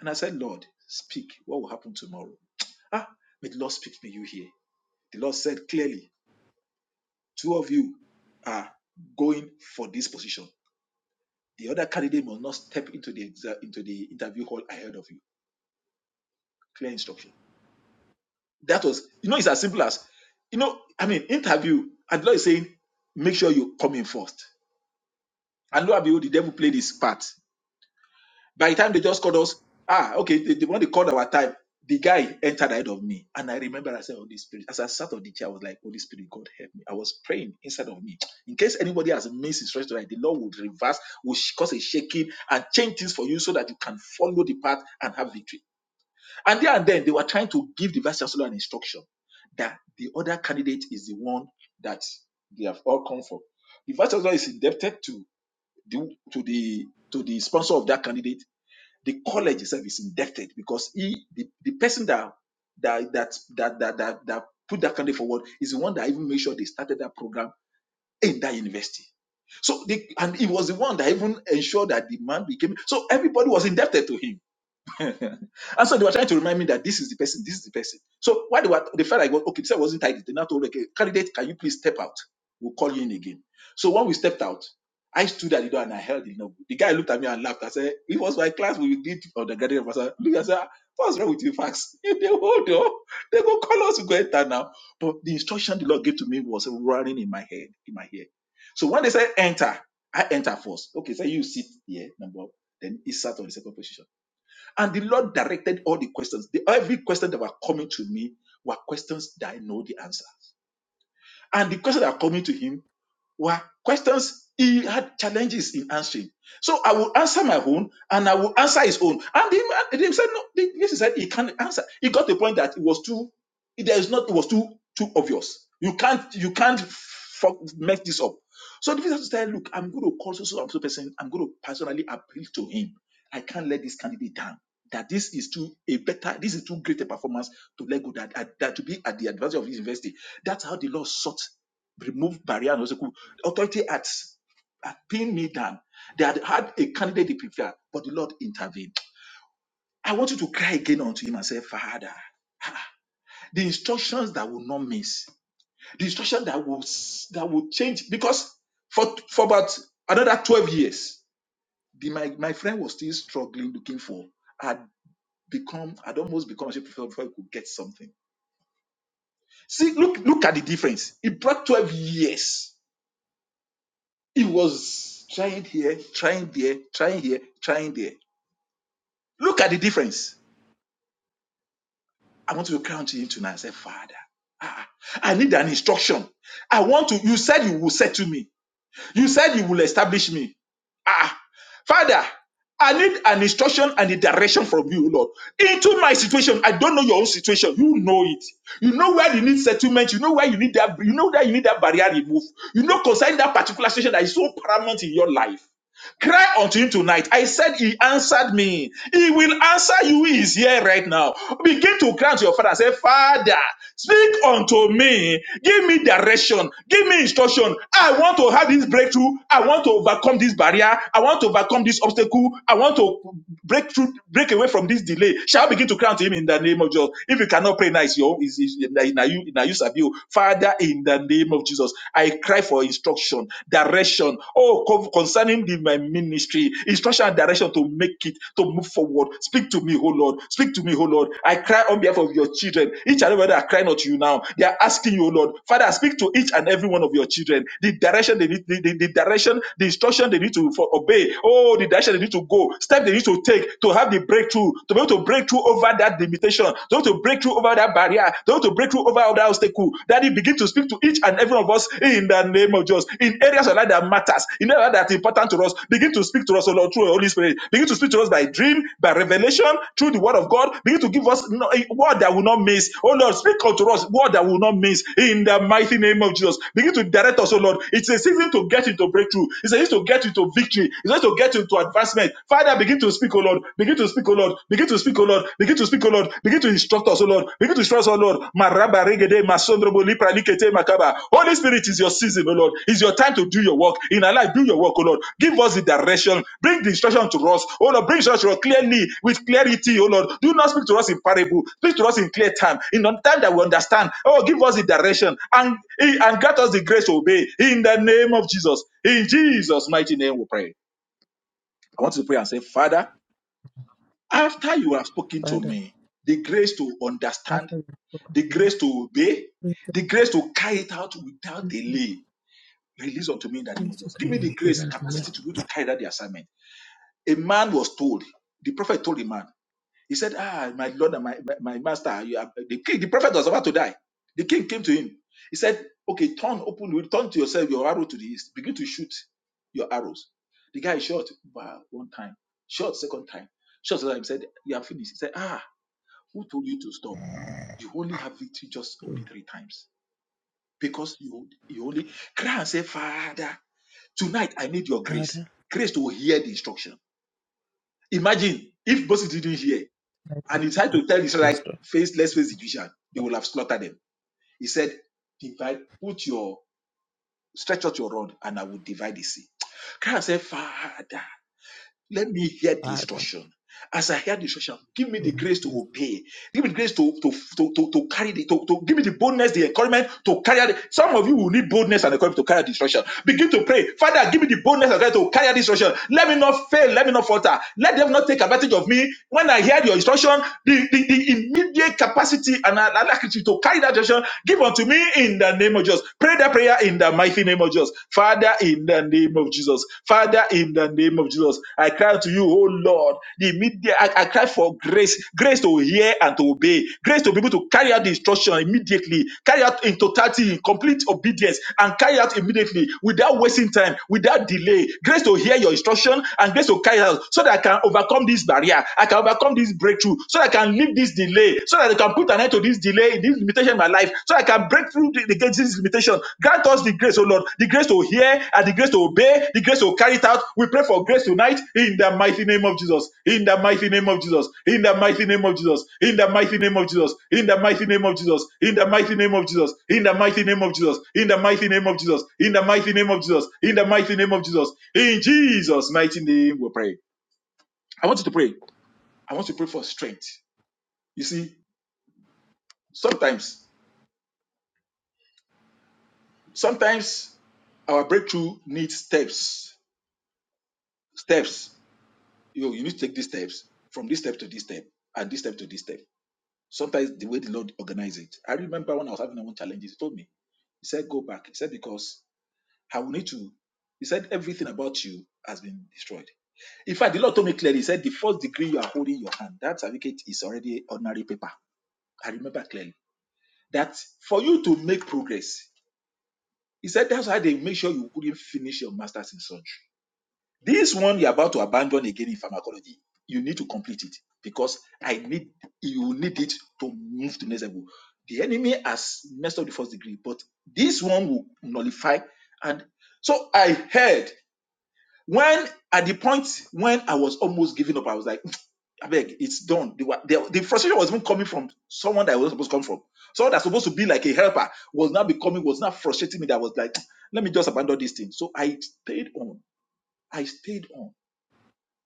And I said, Lord, speak. What will happen tomorrow? Ah, may the Lord speak to you here. The Lord said clearly, two of you are going for this position. The other candidate must not step into the exa- into the interview hall ahead of you. Clear instruction. That was, you know, it's as simple as, you know, I mean, interview. And the Lord is saying, make sure you come in first. And lo and behold, the devil played his part. By the time they just called us, ah, okay, they, they, when they called our time, the guy entered ahead of me. And I remember I said, Holy Spirit, as I sat on the chair, I was like, Holy Spirit, God help me. I was praying inside of me. In case anybody has missed his rest tonight, the Lord would reverse, will sh- cause a shaking and change things for you so that you can follow the path and have victory. And there and then they were trying to give the vice chancellor an instruction that the other candidate is the one that they have all come for. The vice chancellor is indebted to the to the to the sponsor of that candidate the college itself is indebted because he, the, the person that that that that that that, that put that candidate forward is the one that even made sure they started that program in that university. So the, and he was the one that even ensured that the man became so everybody was indebted to him. and so they were trying to remind me that this is the person, this is the person. So while they were, they felt like, well, okay, this wasn't tidy. They now told, okay, candidate, can you please step out? We'll call you in again. So when we stepped out, I stood at the door and I held the novel. The guy looked at me and laughed. I said, it was my class we did on the graduate professor. Look, I said, "Ah, what's wrong with you, facts? If they hold on, they go call us to go enter now. But the instruction the Lord gave to me was running in my head, in my ear. So when they said enter, I enter first. Okay, so you sit here, number one. Then he sat on the second position. And the Lord directed all the questions. The- every question that were coming to me were questions that I know the answer. And the questions that are coming to him were questions he had challenges in answering. So I will answer my own and I will answer his own. And him, and him said, no, this is said he can't answer. He got the point that it was too, there is not, it was too too obvious. You can't, you can't fuck, make this up. So the person said, look, I'm going to call so so and so person. I'm going to personally appeal to him. I can't let this candidate down. That this is too a better, this is too great a performance to let go. That, that to be at the advantage of his university. That's how the law sought remove barrier and obstacle authority had, s- had pinned me down. They had had a candidate they preferred, but the Lord intervened. I want you to cry again unto Him and say, Father, the instructions that will not miss, the instruction that will s- that will change, because for for about another twelve years, the, my my friend was still struggling, looking for. Had become, had almost become a chief before before he could get something. See, look, look at the difference. It brought twelve years. He was trying here, trying there, trying here, trying there. Look at the difference. I want to cry unto him tonight and say, Father, ah, I need an instruction. I want to, you said you will settle me. You said you will establish me. Ah, Father, I need an instruction and a direction from you, Lord. Into my situation, I don't know your own situation. You know it. You know where you need settlement. You know where you need that. You know that you need that barrier removed. You know concerning that particular situation that is so paramount in your life. Cry unto him tonight. I said he answered me. He will answer you. He is here right now. Begin to cry to your father and say, Father, speak unto me. Give me direction. Give me instruction. I want to have this breakthrough. I want to overcome this barrier. I want to overcome this obstacle. I want to break through, break away from this delay. Shall I begin to cry unto him in the name of Jesus? If you cannot pray now, it's your, it's, it's, na- na you, na you serve you. Father, in the name of Jesus, I. I cry for instruction, direction. Oh, concerning the, my ministry, instruction and direction to make it, to move forward. Speak to me, oh Lord. Speak to me, oh Lord. I cry on behalf of your children. Each and every one that are crying to you now, they are asking you, oh Lord, Father, speak to each and every one of your children. The direction they need, the, the, the direction, the instruction they need to for, obey. Oh, the direction they need to go, step they need to take to have the breakthrough, to be able to break through over that limitation, to be able to break through over that barrier, they want to break through over other obstacle. Daddy, begin to speak to each and every one of us in the name of Jesus. In areas of life that matters, in areas that are important to us, begin to speak to us, O Lord, through the Holy Spirit. Begin to speak to us by dream, by revelation, through the word of God. Begin to give us no- a word that will not miss. Oh Lord, speak unto us, word that will not miss. In the mighty name of Jesus. Begin to direct us, O Lord. It's a season to get into breakthrough. It's a season to get into victory. It's a season to get into advancement. Father, begin to speak, O Lord. Begin to speak, O Lord. Begin to speak, O Lord. Begin to speak, O Lord. Begin to instruct us, O Lord. Begin to instruct us, O Lord. Maraba regede masondrobo lipra makaba. Holy Spirit is your season, O Lord. It's your time to do your work. In our life, do your work, O Lord. Give us the direction. Bring the instruction to us. O Lord, bring instruction to us clearly with clarity, O Lord. Do not speak to us in parable. Speak to us in clear time. In the time that we understand. Oh, give us the direction and, and grant us the grace to obey. In the name of Jesus. In Jesus' mighty name we pray. I want to pray and say, Father. After you have spoken to
Father,
me, the grace to understand,
after you've spoken
the
to me,
grace to obey,
please,
the grace to carry it out without delay, release unto me in the name of
please, you
Jesus. Give me the
can
grace,
help me.
capacity to be able to carry out the assignment. A man was told, the prophet told the man, he said, Ah, my Lord and my, my, my master, you are, the king, the prophet was about to die. The king came to him. He said, Okay, turn open, turn to yourself your arrow to the east. Begin to shoot your arrows. The guy shot wow, one time, shot second time, shot third time. He said, You are finished. He said, Ah, who told you to stop? You only have victory just only three times because you you only cry and say, Father, tonight I need your grace.
Father,
Grace to hear the instruction. Imagine if Moses didn't hear
I thank
and he tried to tell Israelite,
you.
face, let's face the Egyptian, they will have slaughtered them. He said, divide, put your stretch out your rod and I will divide the sea. Cry and say, Father. Let me hear the
Father.
instruction. As I hear the instruction, give me
We
the grace to obey. Give me the grace to, to, to, to, to carry the, to, to give me the boldness, the encouragement to carry out. the- Some of you will need boldness and encouragement to carry out the instruction. Begin to pray. Father, give me the boldness and encouragement to carry out the instruction. Let me not fail. Let me not falter. Let them not take advantage of me. When I hear your instruction, the, the, the immediate capacity and alacrity to carry that instruction, give unto me in the name of Jesus. Pray that prayer in the mighty name of Jesus. Father, in the name of Jesus. Father, in the name of Jesus, I cry to you, oh Lord, the media, I, I cry for grace, grace to hear and to obey, grace to be able to carry out the instruction immediately, carry out in totality, in complete obedience, and carry out immediately without wasting time, without delay, grace to hear your instruction and grace to carry out so that I can overcome this barrier, I can overcome this breakthrough, so that I can leave this delay, so that I can put an end to this delay, this limitation in my life so I can break through the, the gates of this limitation. Grant us the grace, O Lord, the grace to hear and the grace to obey, the grace to carry it out. We pray for grace tonight in the mighty name of Jesus. In the mighty name of Jesus. In the mighty name of Jesus. In the mighty name of Jesus. In the mighty name of Jesus. In the mighty name of Jesus. In the mighty name of Jesus. In the mighty name of Jesus. In the mighty name of Jesus. In the mighty name of Jesus. In Jesus' mighty name we pray. I want you to pray. I want you to pray for strength. You see, sometimes Sometimes our breakthrough needs steps. Steps. You know, you need to take these steps from this step to this step and this step to this step. Sometimes the way the Lord organizes it. I remember when I was having my own challenges, he told me, he said, go back. He said, because I will need to. He said, everything about you has been destroyed. In fact, the Lord told me clearly, He said, the first degree you are holding in your hand, that certificate is already ordinary paper. I remember clearly that for you to make progress, He said, that's how they make sure you couldn't finish your master's in surgery. This one you're about to abandon again in pharmacology, you need to complete it because I need you need it to move to next level. The enemy has messed up the first degree, but this one will nullify. And so I heard when at the point when I was almost giving up, I was like, I beg, it's done. The, wa- the, the frustration was even coming from someone that I was supposed to come from. Someone that's supposed to be like a helper was not becoming, was not frustrating me. That I was like, let me just abandon this thing. So I stayed on. I stayed on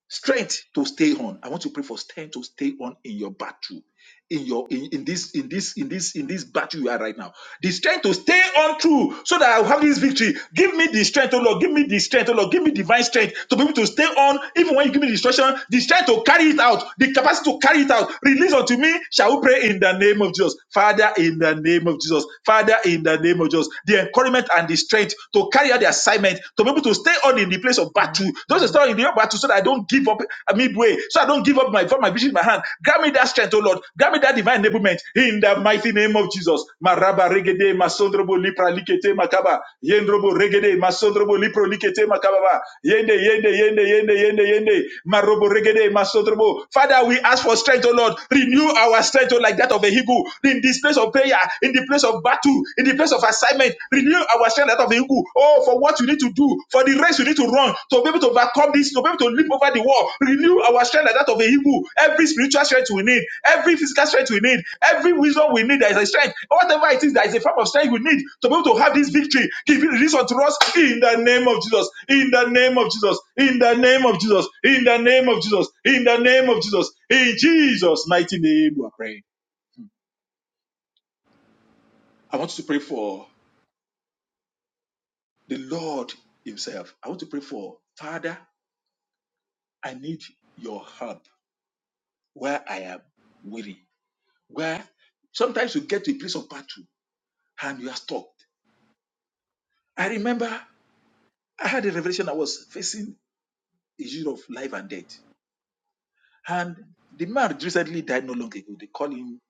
strength to stay on i want to pray for strength to stay on in your battle in your in, in this in this in this in this battle you are right now the strength to stay on through so that i will have this victory give me the strength oh lord give me the strength oh lord give me divine strength to be able to stay on even when you give me the instruction the strength to carry it out the capacity to carry it out release unto me shall we pray in the name of jesus father in the name of jesus father in the name of jesus the encouragement and the strength to carry out the assignment to be able to stay on in the place of battle those who stay on in the battle battle so that I don't give up midway, so I don't give up my for my vision in my hand. Grant me that strength, oh Lord. Grant me that divine enablement in the mighty name of Jesus. Maraba regede masondrobo lipra likete makaba yendrobo regede masondrobo lipro likete makaba yende yende yende yende yende yende marobo regede masondrobo. Father, we ask for strength, oh Lord. Renew our strength, oh, like that of a eagle in this place of prayer, in the place of battle, in the place of assignment. Renew our share that of the eagle. Oh, for what you need to do, for the race you need to run, to be able to overcome this, to be able to leap over the wall. Renew our strength like that of a eagle. Every spiritual strength we need, every physical strength we need, every wisdom we need, there is a strength. Whatever it is, there is a form of strength we need to be able to have this victory. Give it release unto us in the name of Jesus. In the name of Jesus. In the name of Jesus. In the name of Jesus. In the name of Jesus. In Jesus' mighty name, we are praying. I want you to pray for the Lord Himself. I want to pray for Father. I need your help where I am weary. Where sometimes you get to a place of battle and you are stuck. I remember I had a revelation I was facing issue of life and death. And the man recently died not long ago. They call him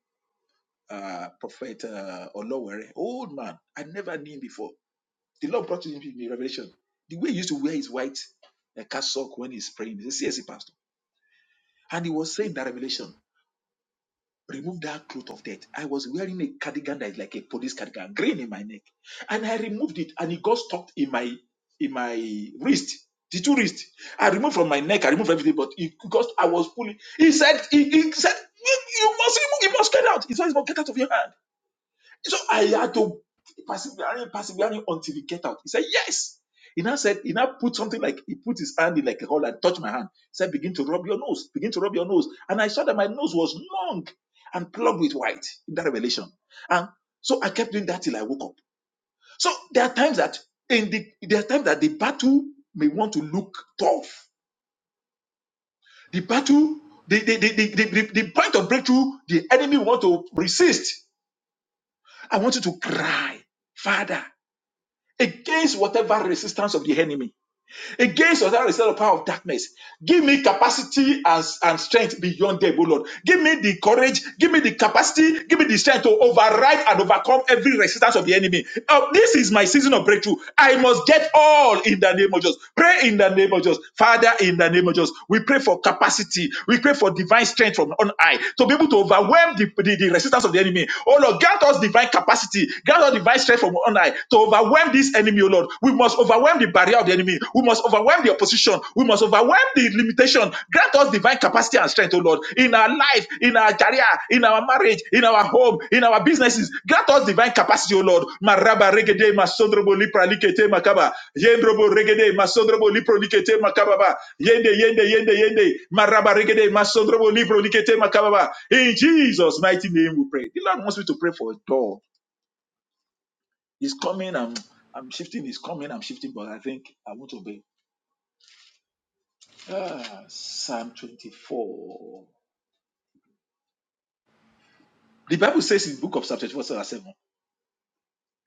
uh, Prophet uh, Olowere, old man. I never knew him before. The Lord brought him in revelation. The way he used to wear his white uh, cassock when he's praying, he's a CSE pastor. And he was saying that revelation. remove that cloth of death. I was wearing a cardigan that is like a police cardigan, green in my neck, and I removed it, and it got stuck in my in my wrist, the two wrist. I removed from my neck, I removed everything, but it because I was pulling. He said, he, he said, you, you must remove, you must get out. He said, it must get out of your hand. So I had to persevere, persevere until he get out. He said, Yes. He now said, he now put something like he put his hand in like a hole and touched my hand. He said, Begin to rub your nose, begin to rub your nose. And I saw that my nose was long and plugged with white in that revelation. And so I kept doing that till I woke up. So there are times that in the there are times that the battle may want to look tough. The battle, the the, the, the, the, the the point of breakthrough, the enemy want to resist. I want you to cry, Father. against whatever resistance of the enemy against authority instead of power of darkness. Give me capacity and, and strength beyond them, O Lord. Give me the courage, give me the capacity, give me the strength to override and overcome every resistance of the enemy. Oh, this is my season of breakthrough. I must get all in the name of Jesus. Pray in the name of Jesus. Father, in the name of Jesus, we pray for capacity. We pray for divine strength from on high to be able to overwhelm the, the, the resistance of the enemy. Oh Lord, grant us divine capacity. Grant us divine strength from on high to overwhelm this enemy, oh Lord. We we must overwhelm the barrier of the enemy. We must overwhelm the opposition. We must overwhelm the limitation. Grant us divine capacity and strength, O Lord, in our life, in our career, in our marriage, in our home, in our businesses. Grant us divine capacity, O Lord. Maraba regede masondrobo lipra likete makaba. Yendrobo regede masondrobo lipro likete makababa. Yende yende yende yende. Maraba regede masondrobo lipro likete makababa. In Jesus' mighty name we pray. The Lord wants me to pray for a door He's coming. I'm I'm shifting. He's coming. I'm shifting. But I think I won't obey. Ah, Psalm 24. The Bible says in the book of Psalm 24, verse 7,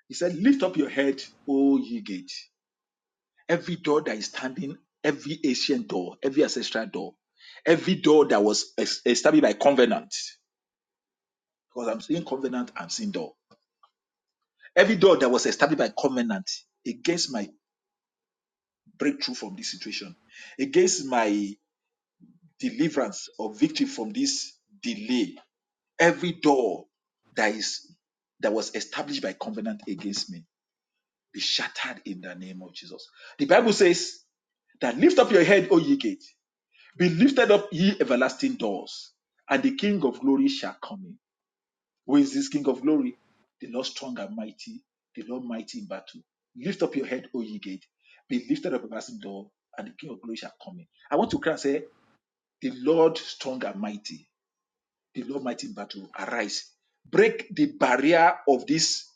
He said, Lift up your head, O ye gate. Every door that is standing, every ancient door, every ancestral door, every door that was es- established by covenant, because I'm seeing covenant, I'm seeing door. Every door that was established by covenant against my breakthrough from this situation, against my deliverance or victory from this delay Every door that is that was established by covenant against me be shattered in the name of Jesus. The Bible says that lift up your head, O ye gate, be lifted up, ye everlasting doors, and the King of glory shall come in. Who is this King of glory? The Lord strong and mighty, the Lord mighty in battle. Lift up your head, O ye gate, be lifted up, everlasting door, and the King of glory shall come in. I want to cry and say, The Lord strong and mighty the Lord mighty battle arise. Break the barrier of this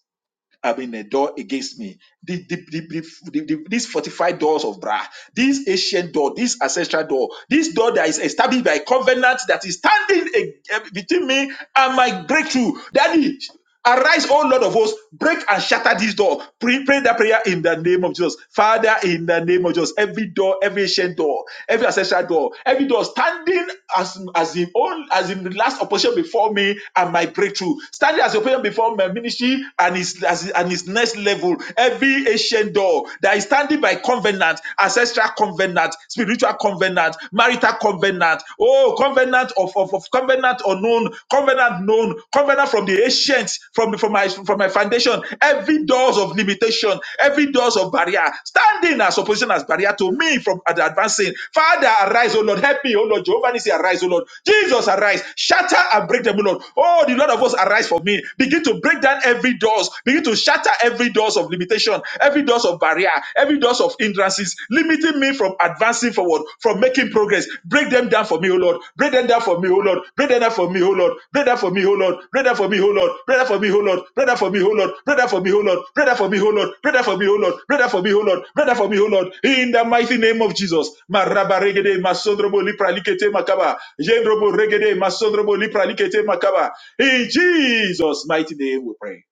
I mean, a door against me. The, the, the, the, the, the- these fortified doors of Bra, this ancient door, this ancestral door, this door that is established by a covenant that is standing a- a- between me and my breakthrough. Daddy, Arise, O Lord of hosts, break and shatter this door. Pray, pray that prayer in the name of Jesus. Father, in the name of Jesus, every door, every ancient door, every ancestral door, every door standing as, as in own, as in the last opposition before me and my breakthrough, standing as as you pray before my ministry and his as, and his next level. Every ancient door that is standing by covenant, ancestral covenant, spiritual covenant, marital covenant, oh covenant of, of, of covenant unknown, covenant known, covenant from the ancient, from from my from my foundation. Every doors of limitation, every doors of barrier, standing as opposition as barrier to me from ad- advancing. Father, arise, O Lord, help me, Oh Lord. Jehovah Nissi, arise, O Lord. Jesus, arise. Shatter and break them, O Lord. Oh, the Lord of us arise for me. Begin to break down every doors. Begin to shatter every doors of limitation, every doors of barrier, every doors of hindrances, limiting me from advancing forward, from making progress. Break them down for me, O Lord. Break them down for me, O Lord. Break them down for me, O Lord. Break them for me, O Lord. Break them for me, O Lord. Break them for me, O Lord. Break them for me, O Lord. Break them for me, O Lord. Break them for me, O Lord. Break them for me, O Lord. Break them for me, O Lord. Break them for me, O Lord. In the mighty name of Jesus. ma Marabaregede masondrobo lipralikete makaba. Jendrobo regede masondrobo lipra likete makaba. In Jesus' mighty name we pray.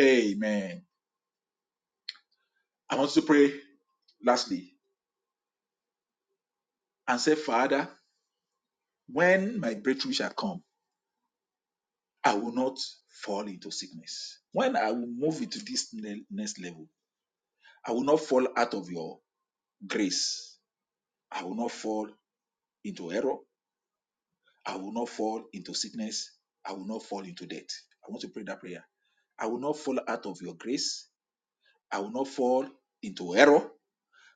Amen. I want to pray lastly and say, Father, when my breakthrough shall come, I will not fall into sickness. When I will move into this ne- next level, I will not fall out of your grace. I will not fall into error. I will not fall into sickness. I will not fall into death. I want to pray that prayer. I will not fall out of your grace. I will not fall into error.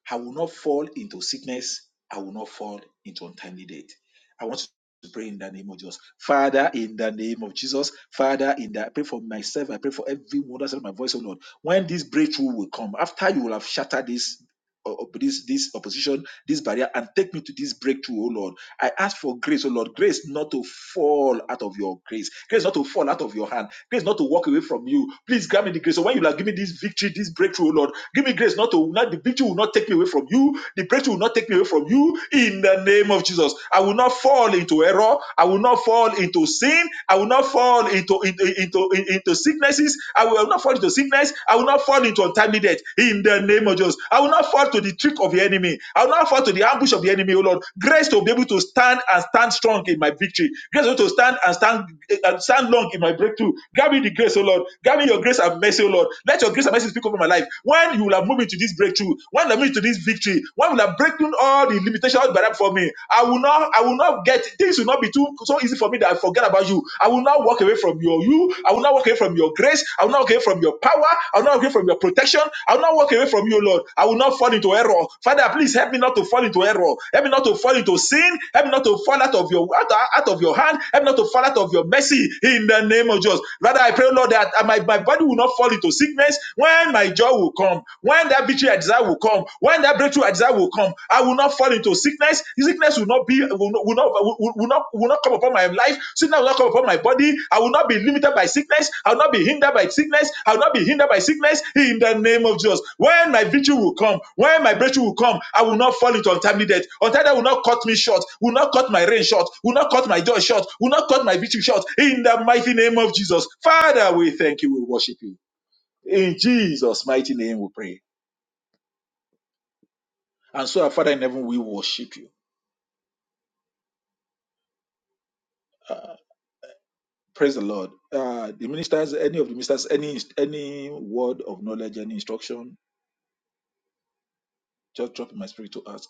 I will not fall into sickness. I will not fall into untimely death. I want to pray in the name of Jesus. Father, in the name of Jesus, Father, in the I pray for myself, I pray for everyone that's in my voice, oh Lord. When this breakthrough will come, after you will have shattered this o- o- this this opposition, this barrier, and take me to this breakthrough, oh Lord. I ask for grace, oh Lord, grace not to fall out of your grace, grace not to fall out of your hand, grace not to walk away from you. Please grant me the grace. So when you like, give me this victory, this breakthrough, oh Lord, give me grace not to not the victory will not take me away from you, the breakthrough will not take me away from you. In the name of Jesus, I will not fall into error, I will not fall into sin, I will not fall into into into, into sicknesses disease. I will not fall into sickness. I will not fall into untimely death. In the name of Jesus. I will not fall to the trick of the enemy. I will not fall to the ambush of the enemy, oh Lord. Grace to be able to stand and stand strong in my victory. Grace to stand and stand and stand long in my breakthrough. Grant me the grace, oh Lord. Grant me your grace and mercy, oh Lord. Let your grace and mercy speak over my life. When you will have moved me to this breakthrough, when you have moved to this victory, when you will have broken all the limitations that are for me, I will not, I will not get things will not be be too so easy for me that I forget about you. I will not walk away from your you. I will not walk away from your grace. I will not walk away from your power. I will not walk away from your protection. I will not walk away from you, Lord. I will not fall into error. Father, please help me not to fall into error. Help me not to fall into sin. Help me not to fall out of your out, out of your hand. Help me not to fall out of your mercy in the name of Jesus. Rather, I pray, Lord, that my, my body will not fall into sickness when my joy will come, when that victory I desire will come, when that breakthrough I desire will come. I will not fall into sickness. Sickness will not be will not will not will, will not will not come upon my life. Sickness will not come upon my body. I will not be limited by sickness. I will not be hindered by sickness. I will not be hindered by sickness in the name of Jesus. When my victory will come, when my breakthrough will come, I will not fall into untimely death. Untimely death will not cut me short, will not cut my rain short, will not cut my joy short, will not cut my victory short. In the mighty name of Jesus. Father, we thank you, we worship you. In Jesus' mighty name we pray. And so, our Father in heaven, we worship you. Ah. Praise the Lord. Uh, the ministers, any of the ministers, any any word of knowledge, any instruction, just drop in my spirit to ask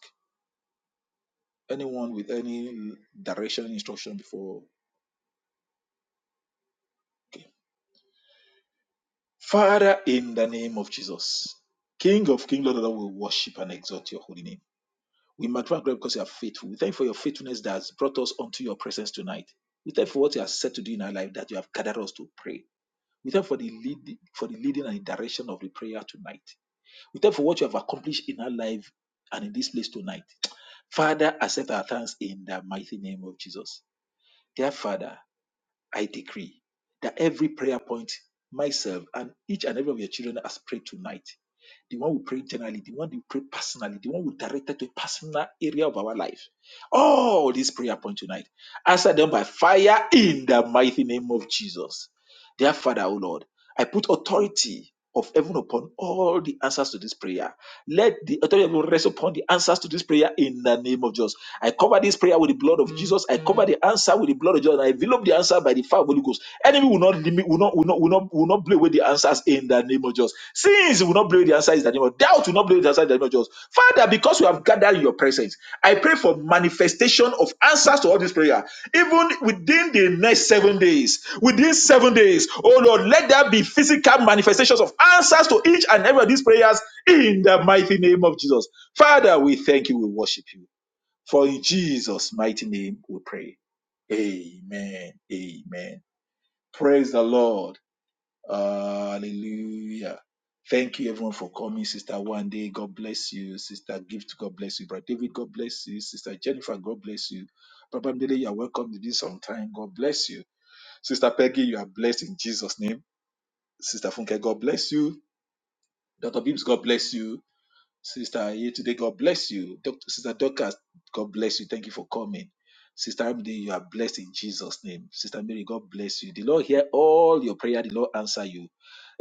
anyone with any direction, instruction before. Okay. Father, in the name of Jesus, King of King, Lord, of Lord, we worship and exalt your holy name. We magnify God because you are faithful. We thank you for your faithfulness that has brought us unto your presence tonight. We thank you for what you have said to do in our life that you have gathered us to pray. We thank you for the lead, for the leading and the direction of the prayer tonight. We thank you for what you have accomplished in our life and in this place tonight. Father, accept our thanks in the mighty name of Jesus. Dear Father, I decree that every prayer point myself and each and every of your children has prayed tonight the one we pray internally, the one we pray personally, the one we directed to a personal area of our life. All these prayer points tonight. Answer them by fire in the mighty name of Jesus. Dear Father, O Lord, I put authority of heaven upon all the answers to this prayer. Let the authority of heaven rest upon the answers to this prayer in the name of Jesus. I cover this prayer with the blood of Jesus. I cover the answer with the blood of Jesus. I envelop the answer by the fire of Holy Ghost. Enemy will not limit, will not, will not, will not, will not blow away the answers in the name of Jesus. Sins will not blow away the answers in the name of doubt will not blow away the answers in the name of Jesus. Father, because we have gathered in your presence, I pray for manifestation of answers to all this prayer, even within the next seven days. Within seven days, oh Lord, let there be physical manifestations of answers to each and every of these prayers in the mighty name of Jesus. Father, we thank you. We worship you. For in Jesus' mighty name we pray. Amen. Amen. Praise the Lord. Hallelujah. Thank you everyone for coming, Sister Wande, God bless you. Sister Gift, God bless you. Brother David, God bless you. Sister Jennifer, God bless you. Brother Mdele, you are welcome to this on time. God bless you. Sister Peggy, you are blessed in Jesus' name. Sister Funke, God bless you. Dr. Bibbs, God bless you. Sister Aye today, God bless you. Dr. Sister Dorcas, God bless you. Thank you for coming. Sister Amide, you are blessed in Jesus' name. Sister Mary, God bless you. The Lord hear all your prayer. The Lord answer you.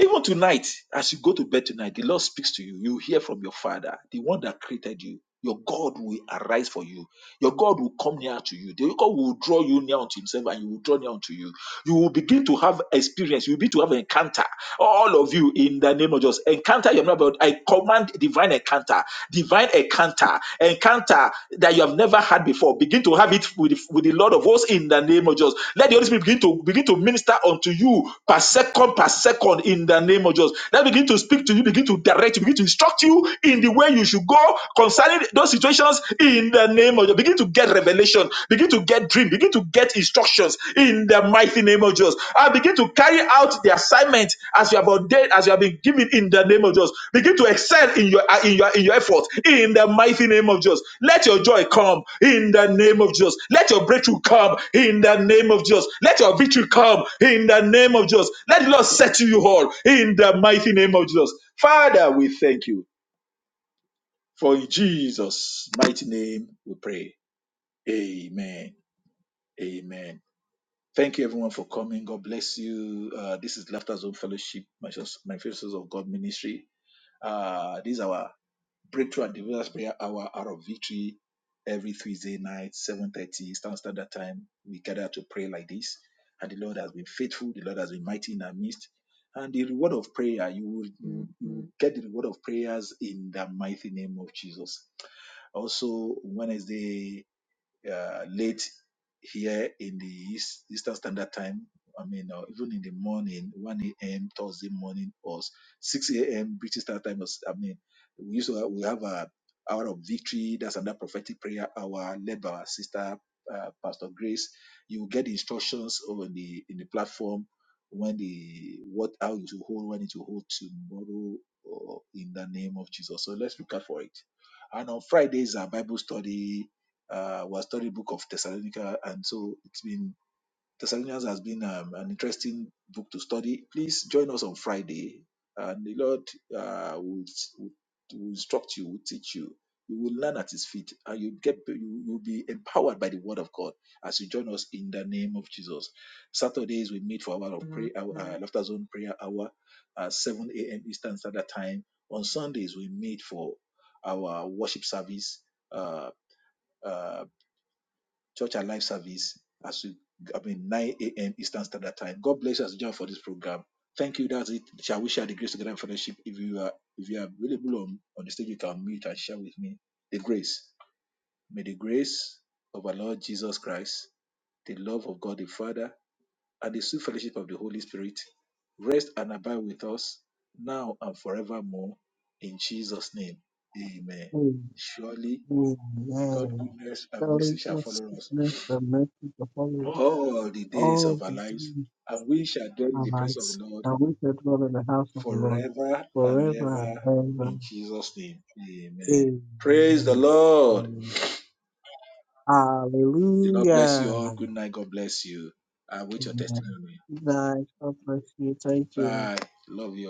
Even tonight, as you go to bed tonight, the Lord speaks to you. You hear from your Father, the one that created you. Your God will arise for you. Your God will come near to you. The God will draw you near unto Himself, and you will draw near unto you. You will begin to have experience. You will begin to have encounter all of you in the name of Jesus. Encounter you have not I command divine encounter, divine encounter, encounter that you have never had before. Begin to have it with, with the Lord of hosts in the name of Jesus. Let the Holy Spirit begin to begin to minister unto you per second, per second in the name of Jesus. Let begin to speak to you, begin to direct you, begin to instruct you in the way you should go concerning those situations in the name of Jesus. Begin to get revelation, Begin to to get dream, begin to get instructions in the mighty name of Jesus. And begin to carry out the assignment as you have ordained, as you have been given in the name of Jesus. Begin to excel in your in your in your effort in the mighty name of Jesus. Let your joy come in the name of Jesus. Let your breakthrough come in the name of Jesus. Let your victory come in the name of Jesus. Let the Lord set you all in the mighty name of Jesus. Father, we thank you. For in Jesus' mighty name we pray. Amen. Amen. Thank you, everyone, for coming. God bless you. Uh, this is Laughter Zone Fellowship, Manifestos of God Ministry. Uh, this is our breakthrough and deliverance prayer hour hour of victory every Tuesday night, 7.30 Eastern Standard Time. We gather to pray like this. And the Lord has been faithful. The Lord has been mighty in our midst. And the reward of prayer, you will you will get the reward of prayers in the mighty name of Jesus. Also, Wednesday, uh, late here in the East, Eastern Standard Time. I mean, or even in the morning, 1 a.m. Thursday morning or 6 a.m. British Standard Time. was- I mean, we used to have, we have a hour of victory. That's another prophetic prayer hour led by our sister, uh, Pastor Grace. You will get instructions on the in the platform when the what how it will hold, when it will hold tomorrow, or in the name of Jesus. So let's look out for it. And on Fridays, our Bible study uh, our storybook of Thessalonica, and so it's been Thessalonians has been um, an interesting book to study. Please join us on Friday, and the Lord uh, will, will will instruct you, will teach you. You will learn at His feet, and you get you will be empowered by the Word of God as you join us in the name of Jesus. Saturdays we meet for hour of prayer, our, uh, Laughter Zone prayer hour, at 7 a.m. Eastern Standard Time. On Sundays we meet for our worship service. Uh, uh, Church and Life service as we, I mean, 9 a.m. Eastern Standard Time. God bless us. Join for this program. Thank you. That's it. Shall we share the grace together in fellowship? If you are if you are available on, on the stage, you can mute and share with me the grace. May the grace of our Lord Jesus Christ, the love of God the Father, and the sweet fellowship of the Holy Spirit rest and abide with us now and forevermore. In Jesus' name, Amen.
Amen.
Surely, God's goodness and
Shall
mercy
we
shall
go
follow us
sickness, the mercy, the follow us
all the days of
all
our
the
lives,
days
and we shall dwell
of
in
our
the presence of
lives,
the Lord
and we shall dwell in the house of the Lord
forever and
forever and
ever.
ever.
In Jesus' name, amen. Praise the
Amen.
Lord.
Amen.
The Lord bless you
Hallelujah.
all. Good night. God bless you. I wait your
Amen.
testimony.
Guys, God bless you. Thank you.
Bye. Love you.